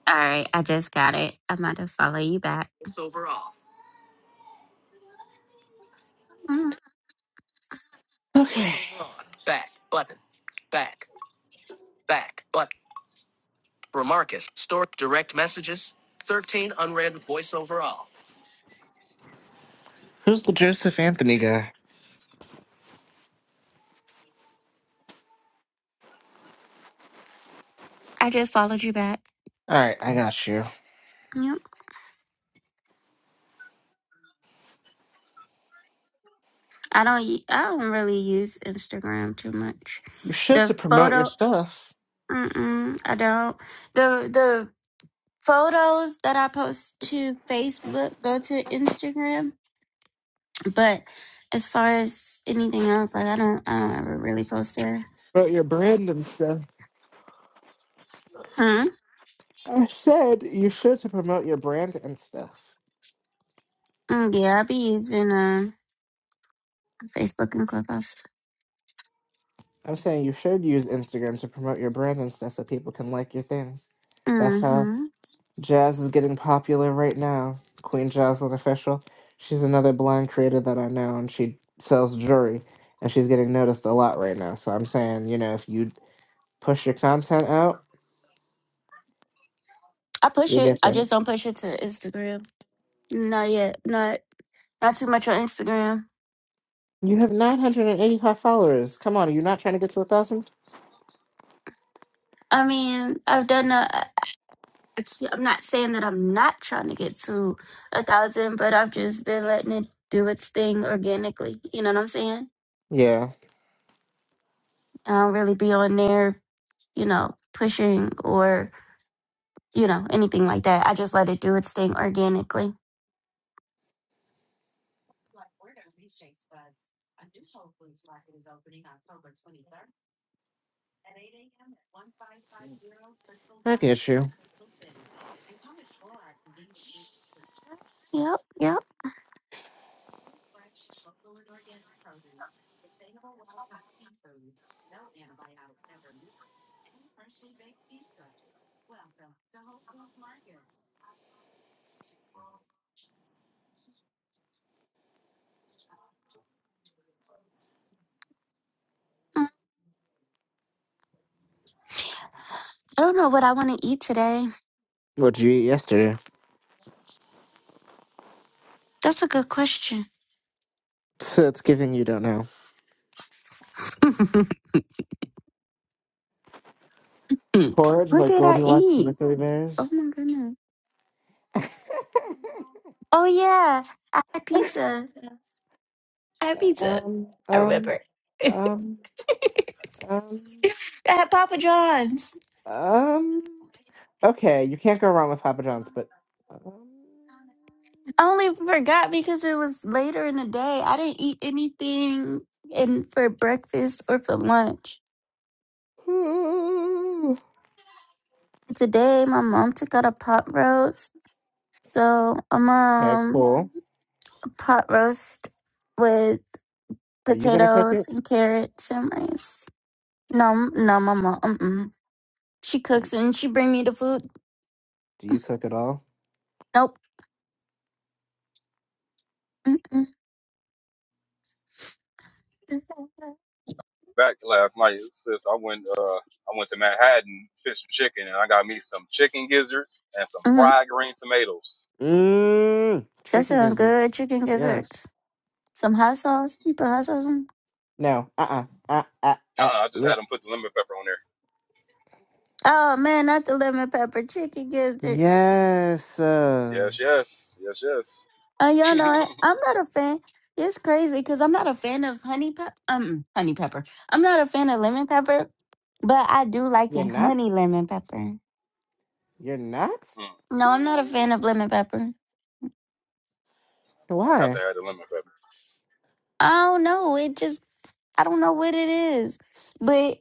[SPEAKER 1] All right, I just got it. I'm about to follow you back. Mm,
[SPEAKER 4] Okay. Who's the Joseph Anthony guy?
[SPEAKER 1] I just followed you back.
[SPEAKER 4] All right, I got you.
[SPEAKER 1] Yep. I don't. u- I don't really use Instagram too much.
[SPEAKER 4] You should to
[SPEAKER 1] The
[SPEAKER 4] promote your
[SPEAKER 1] photo.
[SPEAKER 4] stuff,
[SPEAKER 1] Mm-mm, I don't. The the photos that I post to Facebook go to Instagram, but as far as anything else, like I don't, I don't ever really post there.
[SPEAKER 4] promote your brand and stuff.
[SPEAKER 1] Hmm.
[SPEAKER 4] I said you should to promote your brand and stuff.
[SPEAKER 1] Mm, yeah, I be using uh, Facebook and Clubhouse.
[SPEAKER 4] I'm saying you should use Instagram to promote your brand and stuff so people can like your things. That's how
[SPEAKER 1] Mm-hmm.
[SPEAKER 4] jazz is getting popular right now. Queen Jazlyn Official. She's another blind creator that I know, and she sells jewelry, and she's getting noticed a lot right now. So I'm saying, you know, if you push your content out,
[SPEAKER 1] I push
[SPEAKER 4] you'll
[SPEAKER 1] it.
[SPEAKER 4] get
[SPEAKER 1] I
[SPEAKER 4] there.
[SPEAKER 1] just don't push it to Instagram. Not yet. Not not too much on Instagram.
[SPEAKER 4] You have 985 followers. Come on, are you not trying to get to a thousand?
[SPEAKER 1] I mean, I've done. Uh, I keep- I'm not saying that I'm not trying to get to a thousand, but I've just been letting it do its thing organically. You know what I'm saying?
[SPEAKER 4] Yeah,
[SPEAKER 1] I don't really be on there, you know, pushing or, you know, anything like that. I just let it do its thing organically.
[SPEAKER 4] I get you.
[SPEAKER 1] Yep, yep. Mm. I don't know what I want to eat today.
[SPEAKER 4] What'd you eat yesterday?
[SPEAKER 1] That's a good question.
[SPEAKER 4] <laughs> it's giving you don't know.
[SPEAKER 1] <laughs> what
[SPEAKER 4] Porridge like
[SPEAKER 1] did I
[SPEAKER 4] Goldilocks and the
[SPEAKER 1] eat?
[SPEAKER 4] Three Bears?
[SPEAKER 1] Oh my goodness.
[SPEAKER 4] <laughs>
[SPEAKER 1] Oh yeah, I had pizza. I had pizza.
[SPEAKER 4] um,
[SPEAKER 1] I
[SPEAKER 4] um,
[SPEAKER 1] remember.
[SPEAKER 4] um,
[SPEAKER 1] <laughs>
[SPEAKER 4] um,
[SPEAKER 1] <laughs> at Papa John's.
[SPEAKER 4] um. Okay, you can't go wrong with Papa John's, but. Um,
[SPEAKER 1] I only forgot because it was later in the day. I didn't eat anything in for breakfast or for lunch.
[SPEAKER 4] <sighs>
[SPEAKER 1] Today, my mom took out a pot roast, so I'm
[SPEAKER 4] okay,
[SPEAKER 1] um
[SPEAKER 4] cool.
[SPEAKER 1] a pot roast with
[SPEAKER 4] Are you gonna cook
[SPEAKER 1] potatoes
[SPEAKER 4] it?
[SPEAKER 1] and carrots and rice. No, m- no, my mom. Mm-mm. She cooks and she bring me the food.
[SPEAKER 4] Do you cook at all?
[SPEAKER 1] Nope. Mm-mm.
[SPEAKER 7] Back last night, sis, I went, uh, I went to Manhattan, fish and chicken, and I got me some chicken gizzards and some
[SPEAKER 1] Mm-hmm.
[SPEAKER 7] fried green tomatoes.
[SPEAKER 4] Mmm,
[SPEAKER 1] That
[SPEAKER 4] chicken
[SPEAKER 1] sounds good.
[SPEAKER 4] gizzards.
[SPEAKER 1] Chicken
[SPEAKER 4] Yes.
[SPEAKER 1] gizzards, some hot sauce. You put hot sauce on.
[SPEAKER 4] No. Uh. Uh. Uh. Uh.
[SPEAKER 7] Uh-uh, I just
[SPEAKER 4] Yeah.
[SPEAKER 7] had them put the lemon pepper on there.
[SPEAKER 1] Oh man, not the lemon pepper chicken gizzards.
[SPEAKER 4] Yes. Uh,
[SPEAKER 7] Yes, yes, yes,
[SPEAKER 1] Uh, y'all know
[SPEAKER 7] yes. <laughs>
[SPEAKER 1] I, I'm not a fan. It's crazy because I'm not a fan of honey pep. Um, honey pepper. I'm not a fan of lemon pepper, but I do like
[SPEAKER 4] you're
[SPEAKER 1] the
[SPEAKER 4] not.
[SPEAKER 1] honey lemon pepper.
[SPEAKER 4] You're not.
[SPEAKER 7] Mm, no,
[SPEAKER 4] See,
[SPEAKER 1] No,
[SPEAKER 4] I
[SPEAKER 1] I'm
[SPEAKER 4] don't
[SPEAKER 1] not a
[SPEAKER 4] wanna
[SPEAKER 1] fan of lemon pepper.
[SPEAKER 4] go.
[SPEAKER 7] I got to
[SPEAKER 4] Why?
[SPEAKER 7] have the lemon pepper.
[SPEAKER 1] I don't know. It just I don't know what it is, but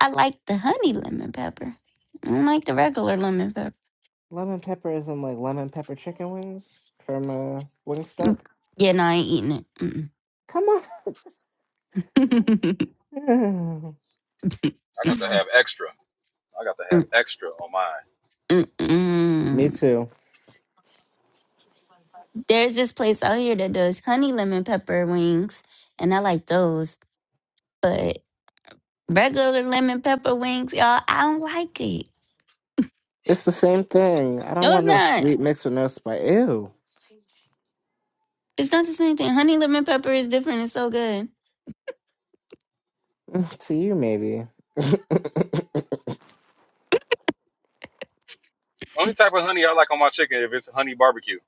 [SPEAKER 1] I like the honey lemon pepper. I don't like the regular lemon pepper.
[SPEAKER 4] Lemon pepper isn't like lemon pepper chicken wings from uh,
[SPEAKER 1] Mm.
[SPEAKER 4] Wingstop.
[SPEAKER 1] Yeah, no, I ain't eating it. Mm-mm.
[SPEAKER 4] Come
[SPEAKER 1] <laughs>
[SPEAKER 4] on.
[SPEAKER 7] I got to have extra. I got to have extra on mine.
[SPEAKER 4] <laughs> Me
[SPEAKER 1] Mm-mm-mm.
[SPEAKER 4] too.
[SPEAKER 1] There's this place out here that does honey lemon pepper wings, and I like those. But regular lemon pepper wings, y'all, I don't like it.
[SPEAKER 4] It's the same thing. I don't
[SPEAKER 1] No, it's
[SPEAKER 4] want no
[SPEAKER 1] not.
[SPEAKER 4] sweet mix with no spice. Ew.
[SPEAKER 1] It's not the same thing. Honey lemon pepper is different. It's so good.
[SPEAKER 4] <laughs> to you, maybe. <laughs>
[SPEAKER 7] Only type of honey I like on my chicken if it's honey barbecue.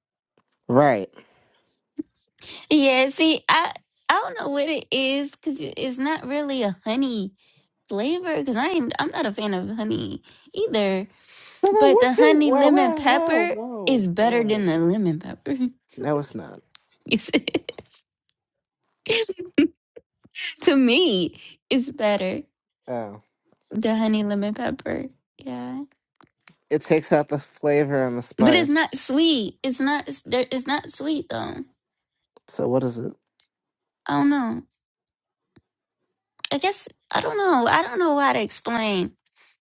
[SPEAKER 4] right.
[SPEAKER 1] Yeah, see, I I don't know what it is because it's not really a honey flavor. Because I ain't, I'm not a fan of honey either.
[SPEAKER 4] So then,
[SPEAKER 1] But the
[SPEAKER 4] what you?
[SPEAKER 1] honey
[SPEAKER 4] Whoa,
[SPEAKER 1] lemon
[SPEAKER 4] whoa, whoa,
[SPEAKER 1] pepper is
[SPEAKER 4] whoa,
[SPEAKER 1] better than the
[SPEAKER 4] whoa.
[SPEAKER 1] lemon pepper. <laughs>
[SPEAKER 4] No, it's not.
[SPEAKER 1] Yes, it is. <laughs> to me, it's better.
[SPEAKER 4] Oh,
[SPEAKER 1] The honey lemon pepper. Yeah.
[SPEAKER 4] it takes out the flavor and the
[SPEAKER 1] But it's
[SPEAKER 4] spice.
[SPEAKER 1] not sweet. It's not it's there- it's not sweet though.
[SPEAKER 4] So what is it?
[SPEAKER 1] I don't know. I guess I don't know. I don't know how to explain.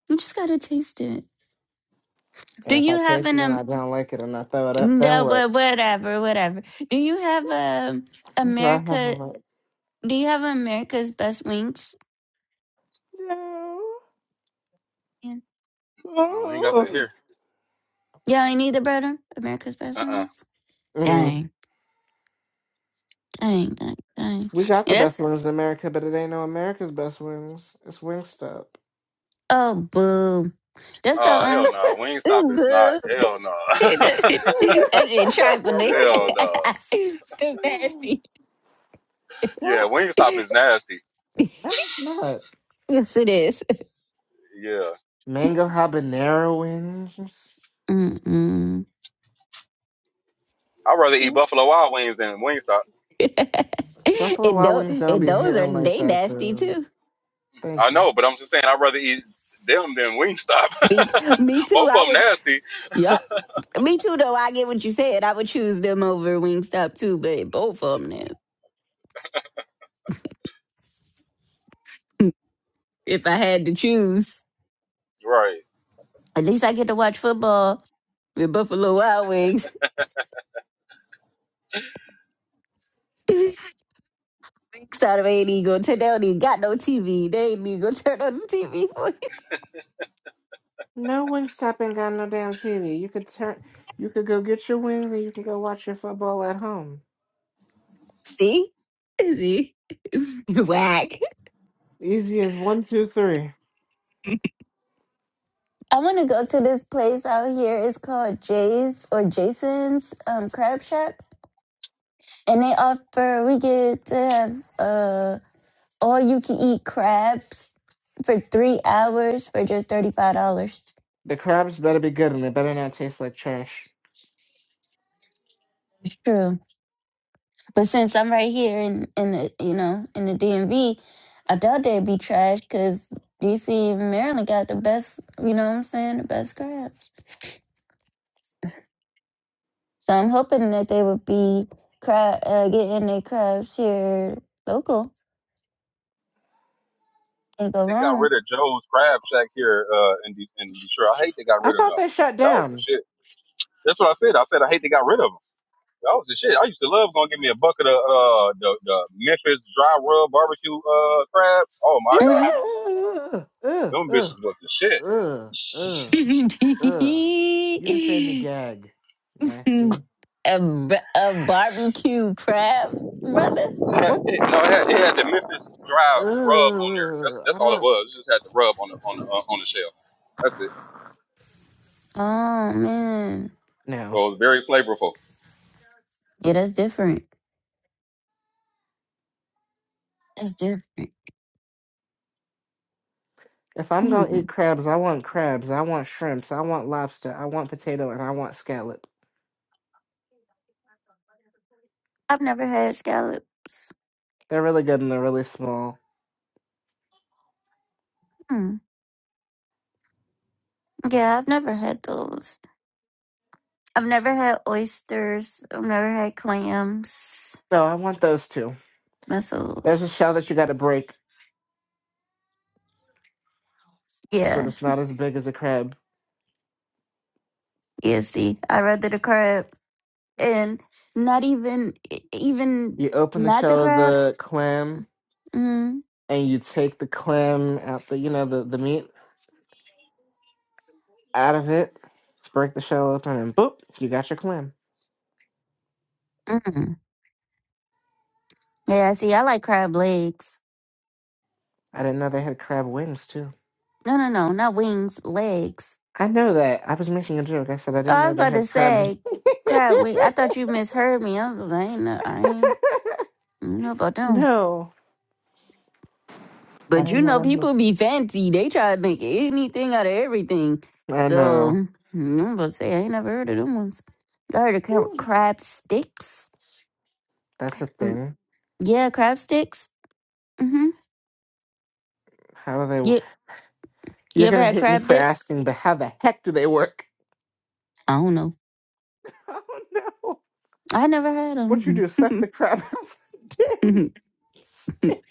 [SPEAKER 1] You just gotta taste it. Do
[SPEAKER 4] And if
[SPEAKER 1] you
[SPEAKER 4] I
[SPEAKER 1] have
[SPEAKER 4] taste
[SPEAKER 1] an
[SPEAKER 4] it and I
[SPEAKER 1] um
[SPEAKER 4] don't like it and I throw it up, then
[SPEAKER 1] no,
[SPEAKER 4] what?
[SPEAKER 1] wha- whatever, whatever. Do you have um
[SPEAKER 4] <laughs> Do I have a
[SPEAKER 1] America
[SPEAKER 4] right?
[SPEAKER 1] do you have America's best wings?
[SPEAKER 4] No.
[SPEAKER 1] Yeah,
[SPEAKER 4] <laughs>
[SPEAKER 7] Oh, we ain't got that
[SPEAKER 4] Oh.
[SPEAKER 7] here.
[SPEAKER 1] yeah I need the brother. America's best
[SPEAKER 7] Uh uh
[SPEAKER 1] wings.
[SPEAKER 7] Nope.
[SPEAKER 4] Mm.
[SPEAKER 1] Dang. Dang, dang, dang.
[SPEAKER 4] We got the
[SPEAKER 1] And that's
[SPEAKER 4] best wings in America, but it ain't no America's best wings. It's Wingstop.
[SPEAKER 1] oh boo. That's the
[SPEAKER 7] Oh
[SPEAKER 1] um.
[SPEAKER 7] hell no. Wingstop is not.
[SPEAKER 1] Boob.
[SPEAKER 7] Hell no.
[SPEAKER 1] <laughs> that
[SPEAKER 4] <laughs>
[SPEAKER 7] <laughs>
[SPEAKER 1] ain't trifling.
[SPEAKER 7] hell no.
[SPEAKER 1] <laughs> Nasty.
[SPEAKER 7] Yeah,
[SPEAKER 4] well,
[SPEAKER 7] Wingstop is nasty.
[SPEAKER 4] no, it's not.
[SPEAKER 1] Yes, it is.
[SPEAKER 7] Yeah.
[SPEAKER 4] Mango habanero wings.
[SPEAKER 1] Mm-mm.
[SPEAKER 7] I'd rather eat Buffalo Wild Wings than Wingstop.
[SPEAKER 1] <laughs>
[SPEAKER 4] Buffalo
[SPEAKER 1] and,
[SPEAKER 4] Wild
[SPEAKER 1] those,
[SPEAKER 4] Wings don't
[SPEAKER 1] and
[SPEAKER 4] be
[SPEAKER 1] those are
[SPEAKER 4] hitting like
[SPEAKER 1] they
[SPEAKER 4] that,
[SPEAKER 1] nasty
[SPEAKER 4] though.
[SPEAKER 1] too.
[SPEAKER 7] I
[SPEAKER 4] Thank you.
[SPEAKER 7] know, but I'm just saying I'd rather eat them than Wingstop. <laughs>
[SPEAKER 1] Me, t- me too.
[SPEAKER 7] Both of
[SPEAKER 1] I
[SPEAKER 7] them
[SPEAKER 1] would. Ch-
[SPEAKER 7] nasty.
[SPEAKER 1] yep. Me too. Though I get what you said. I would choose them over Wingstop too. But both of them, now, if I had to choose,
[SPEAKER 7] Right.
[SPEAKER 1] at least I get to watch football with Buffalo Wild Wings. <laughs> Weeks out of eight eagle. Today they don't even gonna turn down. Even got no TV. They ain't even gonna turn on the TV for you.
[SPEAKER 4] No Wingstop ain't got no damn TV. You could turn, you could go get your wings, and you can go watch your football at home.
[SPEAKER 1] <laughs> See? See? <laughs> Whack.
[SPEAKER 4] Easy as one, two, three.
[SPEAKER 1] I want to go to this place out here. It's called Jay's or Jason's um, Crab Shack, and they offer we get to have uh all you can eat crabs for three hours for just thirty five dollars.
[SPEAKER 4] The crabs better be good, and they better not taste like trash.
[SPEAKER 1] It's true. But since I'm right here in in the you know in the DMV, I doubt they'd be trash because DC and Maryland got the best you know what I'm saying the best crabs. So I'm hoping that they would be crab uh, getting their crabs here local. Can't go
[SPEAKER 7] they got
[SPEAKER 1] wrong.
[SPEAKER 7] rid of Joe's Crab Shack here uh, in, De- in Detroit. I hate they got
[SPEAKER 4] I
[SPEAKER 7] rid of
[SPEAKER 4] thought
[SPEAKER 7] them.
[SPEAKER 4] they shut
[SPEAKER 7] That was the
[SPEAKER 4] down.
[SPEAKER 7] shit. That's what I said. I said I hate they got rid of them. That was the shit. I used to love going to give me a bucket of uh, the, the Memphis dry rub barbecue uh, crabs. Oh my god,
[SPEAKER 1] Mm-hmm.
[SPEAKER 4] Ew, ugh, ugh,
[SPEAKER 7] them bitches was the shit.
[SPEAKER 4] ugh, ugh,
[SPEAKER 7] <laughs>
[SPEAKER 4] ugh. You just made me
[SPEAKER 1] <laughs>
[SPEAKER 4] gag. Nasty.
[SPEAKER 1] a, b- a barbecue crab, brother.
[SPEAKER 7] It, had,
[SPEAKER 4] What?
[SPEAKER 7] it- no, it had, it had the Memphis dry rub on there. That's
[SPEAKER 4] Ugh, I
[SPEAKER 7] that's all it
[SPEAKER 4] don't.
[SPEAKER 7] was. It just had the rub on the on the uh, on the shell. That's it.
[SPEAKER 1] Oh man,
[SPEAKER 4] <sighs> No.
[SPEAKER 7] So it was very flavorful.
[SPEAKER 1] yeah, that's different. That's different.
[SPEAKER 4] If I'm gonna eat
[SPEAKER 1] Mm.
[SPEAKER 4] crabs, I want crabs, I want shrimps, I want lobster, I want potato, and I want scallop.
[SPEAKER 1] I've never had scallops.
[SPEAKER 4] They're really good and they're really small.
[SPEAKER 1] Mm. Yeah, I've never had those. I've never had oysters. I've never had clams,
[SPEAKER 4] No, I want those two. There's a shell
[SPEAKER 1] mussels.
[SPEAKER 4] that you gotta break, but
[SPEAKER 1] Yeah,
[SPEAKER 4] it's not as big as a crab.
[SPEAKER 1] yeah. See, I rather the crab, and not even, e, even
[SPEAKER 4] You open the
[SPEAKER 1] not the
[SPEAKER 4] shell of
[SPEAKER 1] crab.
[SPEAKER 4] the clam
[SPEAKER 1] Mm,
[SPEAKER 4] and you take the clam out the you know, the, the meat out of it, break the shell open and boop, you got your clam.
[SPEAKER 1] mm. Yeah, see, I like crab legs.
[SPEAKER 4] I didn't know they had crab wings too.
[SPEAKER 1] No, no, no, not wings, legs.
[SPEAKER 4] I know that. I was making a joke. I said I
[SPEAKER 1] Oh,
[SPEAKER 4] didn't
[SPEAKER 1] I
[SPEAKER 4] know
[SPEAKER 1] was
[SPEAKER 4] they
[SPEAKER 1] about to
[SPEAKER 4] had crab wings. <laughs>
[SPEAKER 1] say crab wing. I thought you misheard me. I was like, I ain't, know- I ain't know about them.
[SPEAKER 4] No. I
[SPEAKER 1] But you
[SPEAKER 4] don't know.
[SPEAKER 1] know,
[SPEAKER 4] that- was-
[SPEAKER 1] people be fancy. They try to make anything out of everything.
[SPEAKER 4] I
[SPEAKER 1] So
[SPEAKER 4] know.
[SPEAKER 1] mm, I'm gonna say I ain't never heard of them ones. I heard of cra- crab sticks.
[SPEAKER 4] That's a
[SPEAKER 1] Mm,
[SPEAKER 4] thing.
[SPEAKER 1] Yeah, crab sticks. Mm-hmm.
[SPEAKER 4] How do they? wo-
[SPEAKER 1] You you
[SPEAKER 4] You're
[SPEAKER 1] ever
[SPEAKER 4] gonna
[SPEAKER 1] had
[SPEAKER 4] hate me
[SPEAKER 1] crab
[SPEAKER 4] for
[SPEAKER 1] dip?
[SPEAKER 4] asking, but how the heck do they work?
[SPEAKER 1] I don't know.
[SPEAKER 4] <laughs> Oh no!
[SPEAKER 1] I never had
[SPEAKER 4] What you
[SPEAKER 1] them.
[SPEAKER 4] do? Suck the crap <laughs> out of the damn
[SPEAKER 1] <laughs>
[SPEAKER 4] stick.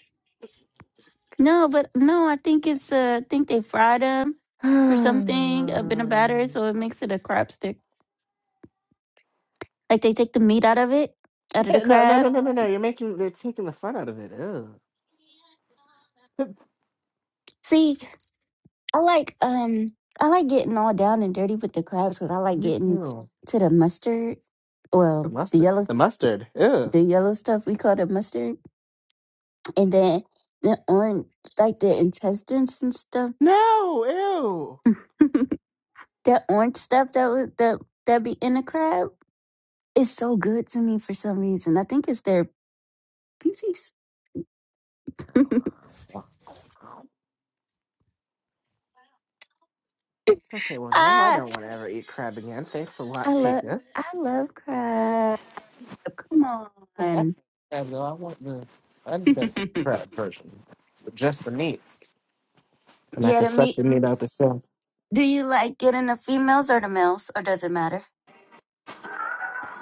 [SPEAKER 1] no, but no, I think it's uh, I think they fry them or something up in a
[SPEAKER 4] <sighs>
[SPEAKER 1] batter, so it makes it a crab stick. Like they take the meat out of it, out of the
[SPEAKER 4] Yeah, no, no, no,
[SPEAKER 1] crab.
[SPEAKER 4] no, no, no! You're making. They're taking the fun out of it. Ew. <laughs>
[SPEAKER 1] See, I like um I like getting all down and dirty with the crabs because I like
[SPEAKER 4] Me
[SPEAKER 1] getting
[SPEAKER 4] too.
[SPEAKER 1] to the mustard,
[SPEAKER 4] The
[SPEAKER 1] well the
[SPEAKER 4] mustard.
[SPEAKER 1] yellow
[SPEAKER 4] The
[SPEAKER 1] st-
[SPEAKER 4] mustard. Ew.
[SPEAKER 1] the yellow stuff we call the mustard, and then the orange like the intestines and stuff.
[SPEAKER 4] No.
[SPEAKER 1] <laughs> that orange stuff that was that that be in the crab is so good to me for some reason. I think it's their feces. <laughs>
[SPEAKER 4] Ew. Okay. Well, now I
[SPEAKER 1] ah,
[SPEAKER 4] don't want to ever eat crab again. Thanks a lot,
[SPEAKER 1] I love
[SPEAKER 4] Chica.
[SPEAKER 1] I love crab. Come
[SPEAKER 4] That's
[SPEAKER 1] on.
[SPEAKER 4] crab though. I want the uncensored
[SPEAKER 1] <laughs>
[SPEAKER 4] crab version, but just the meat, and I
[SPEAKER 1] yeah,
[SPEAKER 4] can
[SPEAKER 1] the
[SPEAKER 4] suck
[SPEAKER 1] meat
[SPEAKER 4] the meat out the shell.
[SPEAKER 1] Do you like getting the females or the males, or does it matter?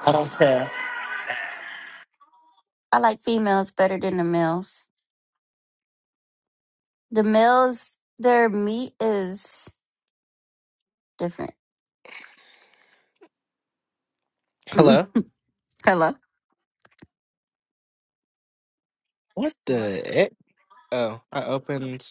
[SPEAKER 4] I don't care.
[SPEAKER 1] I like females better than the males. The males, their meat is different. <laughs> Mm.
[SPEAKER 4] Hello.
[SPEAKER 1] Hello.
[SPEAKER 4] What the heck? Oh, I opened.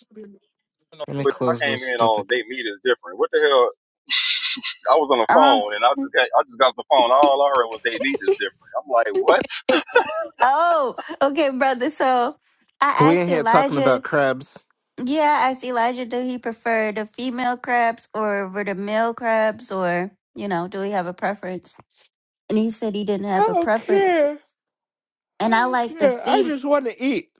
[SPEAKER 7] know,
[SPEAKER 4] Let me
[SPEAKER 7] but I
[SPEAKER 4] close
[SPEAKER 7] came
[SPEAKER 4] this
[SPEAKER 7] in on
[SPEAKER 4] stupid.
[SPEAKER 7] they meet is different. What the hell? <laughs> I was on the
[SPEAKER 1] Uh
[SPEAKER 7] phone and I just got I just got the phone.
[SPEAKER 1] huh.
[SPEAKER 7] All I heard was they meat is different. I'm like, what?
[SPEAKER 1] <laughs> oh, okay, brother. So I
[SPEAKER 4] We
[SPEAKER 1] asked
[SPEAKER 4] in here talking about
[SPEAKER 1] Elijah.
[SPEAKER 4] crabs.
[SPEAKER 1] Yeah, I asked Elijah, do he prefer the female crabs or over the male crabs, or you know, do he have a preference? And he said he didn't
[SPEAKER 4] I
[SPEAKER 1] have a
[SPEAKER 4] don't
[SPEAKER 1] preference.
[SPEAKER 4] care. I
[SPEAKER 1] And I
[SPEAKER 4] don't
[SPEAKER 1] like the
[SPEAKER 4] care. I
[SPEAKER 1] fem.
[SPEAKER 4] just want to eat.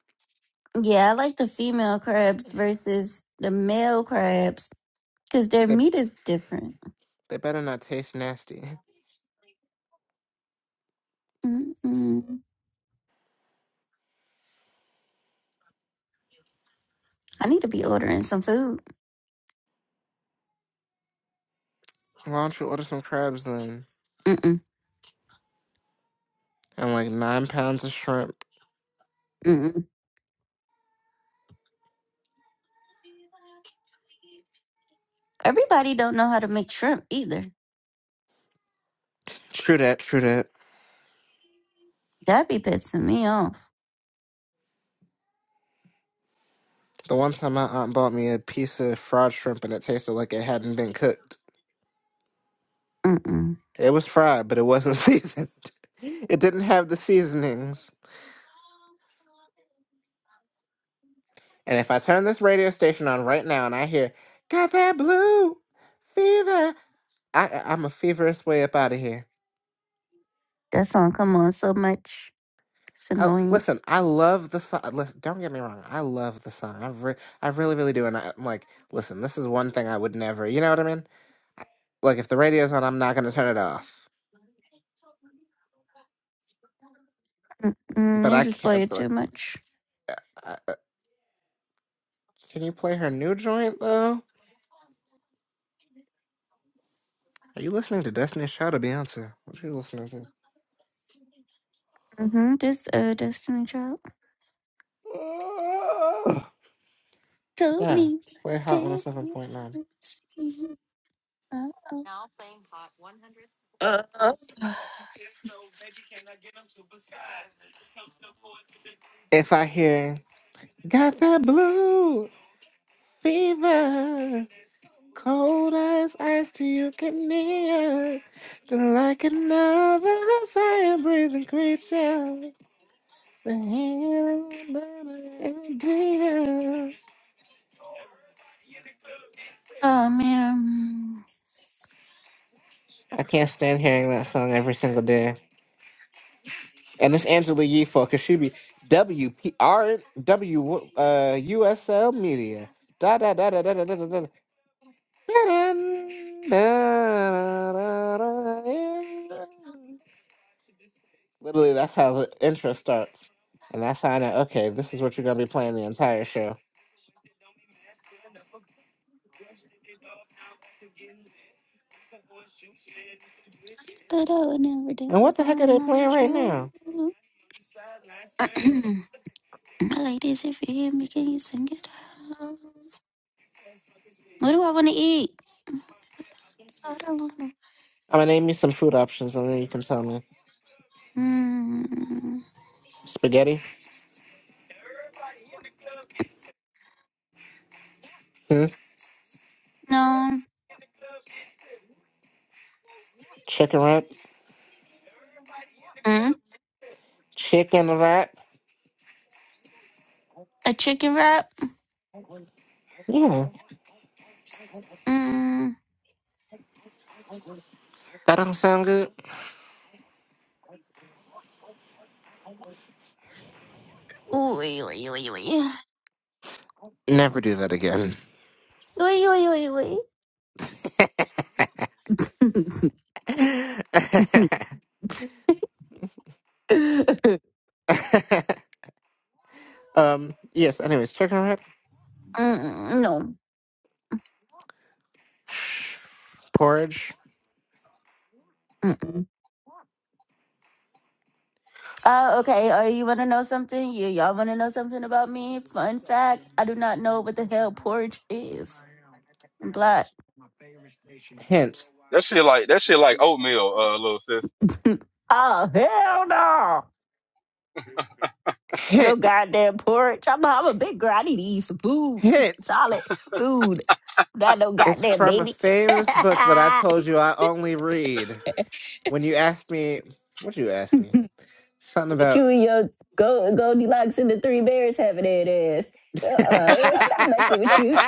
[SPEAKER 1] Yeah, I like the female crabs versus the male crabs because their
[SPEAKER 4] They
[SPEAKER 1] meat is different.
[SPEAKER 4] they better not taste nasty.
[SPEAKER 1] Mm-mm. I need to be ordering some food.
[SPEAKER 4] Why don't you order some crabs then?
[SPEAKER 1] Mm-mm.
[SPEAKER 4] And like nine pounds of shrimp.
[SPEAKER 1] Mm-mm. Everybody don't know how to make shrimp either.
[SPEAKER 4] True that. True that.
[SPEAKER 1] That be pissing me off.
[SPEAKER 4] The one time my aunt bought me a piece of fried shrimp and it tasted like it hadn't been cooked.
[SPEAKER 1] Mm-mm.
[SPEAKER 4] It was fried, but it wasn't <laughs> seasoned. It didn't have the seasonings. And if I turn this radio station on right now and I hear, got that blue fever, I, I- I'm a feverish way up out of here.
[SPEAKER 1] That song come on so much. It's
[SPEAKER 4] I,
[SPEAKER 1] annoying.
[SPEAKER 4] listen, I love the song. Listen, don't get me wrong. I love the song. I, re- I really, really do. And I, I'm like, listen, this is one thing I would never, you know what I mean? I- Like, if the radio's on, I'm not going to turn it off. But
[SPEAKER 1] Mm-mm. You
[SPEAKER 4] I
[SPEAKER 1] just play
[SPEAKER 4] can't,
[SPEAKER 1] it
[SPEAKER 4] like,
[SPEAKER 1] too much.
[SPEAKER 4] I, I, can you play her new joint, though? Are you listening to Destiny's Child or Beyonce? What are you listening to?
[SPEAKER 1] Mm-hmm. This uh, Destiny Child told
[SPEAKER 4] Nah,
[SPEAKER 1] me
[SPEAKER 4] play Hot
[SPEAKER 1] that
[SPEAKER 4] 107.9.
[SPEAKER 1] I was-
[SPEAKER 4] If I hear, got that blue fever, cold as ice to you get near, then like another fire breathing creature, the hand of murder and dear.
[SPEAKER 1] Oh man.
[SPEAKER 4] I can't stand hearing that song every single day. And it's Angela Yee for Kashubi WPR W uh USL Media. Da da da da da da da da da. da. Literally, that's how the intro starts, and that's how I know. Okay, this is what you're gonna be playing the entire show.
[SPEAKER 1] But I would never
[SPEAKER 4] And what the heck are
[SPEAKER 1] disappoint
[SPEAKER 4] they
[SPEAKER 1] my
[SPEAKER 4] playing right
[SPEAKER 1] child.
[SPEAKER 4] now?
[SPEAKER 1] <clears throat> Ladies, if you hear me, can you sing it out? What do I want to eat? I don't want to.
[SPEAKER 4] I'm gonna name you some food options, and then you can tell me:
[SPEAKER 1] Mm,
[SPEAKER 4] spaghetti, hmm?
[SPEAKER 1] no.
[SPEAKER 4] chicken wraps,
[SPEAKER 1] Mm,
[SPEAKER 4] chicken wrap.
[SPEAKER 1] a chicken wrap?
[SPEAKER 4] Yeah,
[SPEAKER 1] Mm.
[SPEAKER 4] that don't sound good.
[SPEAKER 1] Ooh, wee, wee, wee, wee.
[SPEAKER 4] Never do that again.
[SPEAKER 1] Wee, wee, wee,
[SPEAKER 4] <laughs>
[SPEAKER 1] wee. <laughs> Mm,
[SPEAKER 4] um. Yes. Anyways, chicken wrap,
[SPEAKER 1] no.
[SPEAKER 4] porridge.
[SPEAKER 1] Mm-mm. Uh, okay, uh, you want to know something? You, y'all want to know something about me? Fun fact I do not know what the hell porridge is. I'm black.
[SPEAKER 4] Hint.
[SPEAKER 7] That shit like that shit like oatmeal, uh, little sis.
[SPEAKER 1] Oh, hell no. No
[SPEAKER 4] Hint.
[SPEAKER 1] goddamn porridge. I'm, I'm a big girl. I need to eat some food. Eat some
[SPEAKER 4] Hint.
[SPEAKER 1] solid food. Not no
[SPEAKER 4] It's
[SPEAKER 1] goddamn
[SPEAKER 4] from a
[SPEAKER 1] baby. <laughs>
[SPEAKER 4] famous book that I told you I only read. When you asked me, what'd you ask me? Something
[SPEAKER 1] With
[SPEAKER 4] about.
[SPEAKER 1] you and your go Goldilocks and the three bears having that ass.
[SPEAKER 4] <laughs>
[SPEAKER 1] Uh-uh.
[SPEAKER 4] if
[SPEAKER 1] eh, I'm not messing with you.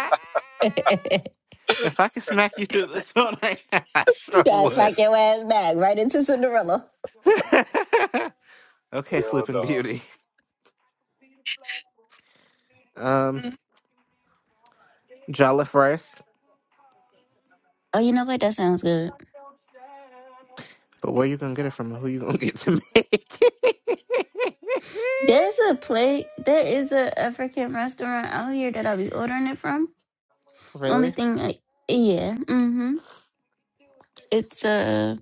[SPEAKER 1] <laughs>
[SPEAKER 4] I could smack you through this <laughs> phone right now, I sure
[SPEAKER 1] Gotta
[SPEAKER 4] would.
[SPEAKER 1] smack your ass back right into Cinderella.
[SPEAKER 4] <laughs> okay,
[SPEAKER 7] Hell
[SPEAKER 4] Sleeping
[SPEAKER 7] no.
[SPEAKER 4] Beauty. Um, Jollof rice.
[SPEAKER 1] Oh, you know what? That sounds good.
[SPEAKER 4] But where you gonna get it from? and Who you gonna get to make? it? <laughs>
[SPEAKER 1] There's a plate. There is a African restaurant out here that I'll be ordering it from. Only
[SPEAKER 4] really?
[SPEAKER 1] thing, I, yeah. mm-hmm. It's a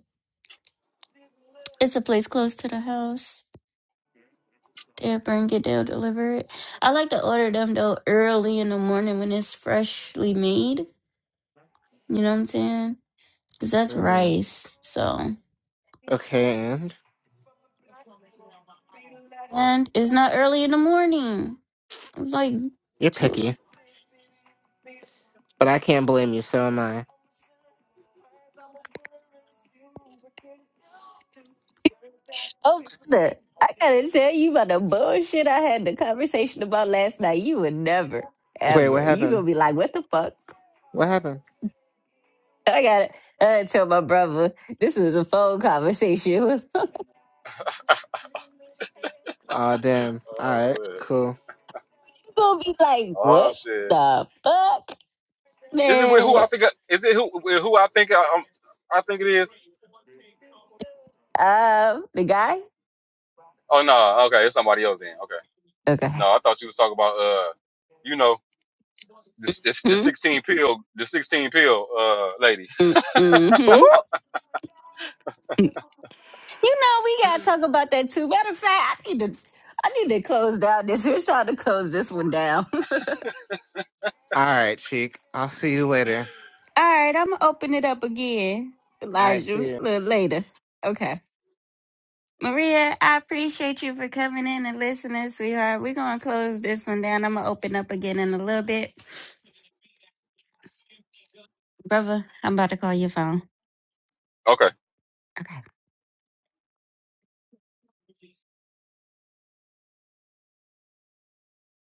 [SPEAKER 1] it's a place close to the house. They'll bring it, they'll deliver it. I like to order them though early in the morning when it's freshly made. You know what I'm saying? Because that's
[SPEAKER 4] Mm.
[SPEAKER 1] rice. So
[SPEAKER 4] Okay, and
[SPEAKER 1] and it's not early in the morning. It's like
[SPEAKER 4] you're
[SPEAKER 1] two.
[SPEAKER 4] picky, but I can't blame you. So am I.
[SPEAKER 1] The, I gotta tell you about the bullshit I had the conversation about last night. You would never,
[SPEAKER 4] Wait, what
[SPEAKER 1] ever. You gonna
[SPEAKER 4] happened?
[SPEAKER 1] be like, what the fuck?
[SPEAKER 4] What happened?
[SPEAKER 1] I gotta I gotta tell my brother this is a phone conversation. <laughs>
[SPEAKER 4] Aw, damn. All
[SPEAKER 7] Oh
[SPEAKER 4] right,
[SPEAKER 7] man.
[SPEAKER 4] cool.
[SPEAKER 1] gonna be like,
[SPEAKER 7] Oh
[SPEAKER 1] what
[SPEAKER 7] shit.
[SPEAKER 1] the fuck,
[SPEAKER 7] Is it with who
[SPEAKER 1] man?
[SPEAKER 7] I think? I, is it who with who I think I, um I think it is?
[SPEAKER 1] Um, the guy.
[SPEAKER 7] Oh no. Okay, it's somebody else then. Okay.
[SPEAKER 1] Okay.
[SPEAKER 7] No, I thought you was talking about uh, you know, this this the
[SPEAKER 1] Hmm?
[SPEAKER 7] sixteen pill the sixteen pill uh lady.
[SPEAKER 4] Ooh.
[SPEAKER 1] Mm-hmm. You know we gotta talk about that too. Matter of fact, I need to. I need to close down this. We're starting to close this one down. <laughs>
[SPEAKER 4] All right, cheek. I'll see you later.
[SPEAKER 1] All right, I'm gonna open it up again,
[SPEAKER 4] I see
[SPEAKER 1] Elijah,
[SPEAKER 4] you.
[SPEAKER 1] a little later. Okay. Maria, I appreciate you for coming in and listening, sweetheart. We're gonna close this one down. I'm gonna open up again in a little bit. Brother, I'm about to call your phone.
[SPEAKER 7] Okay.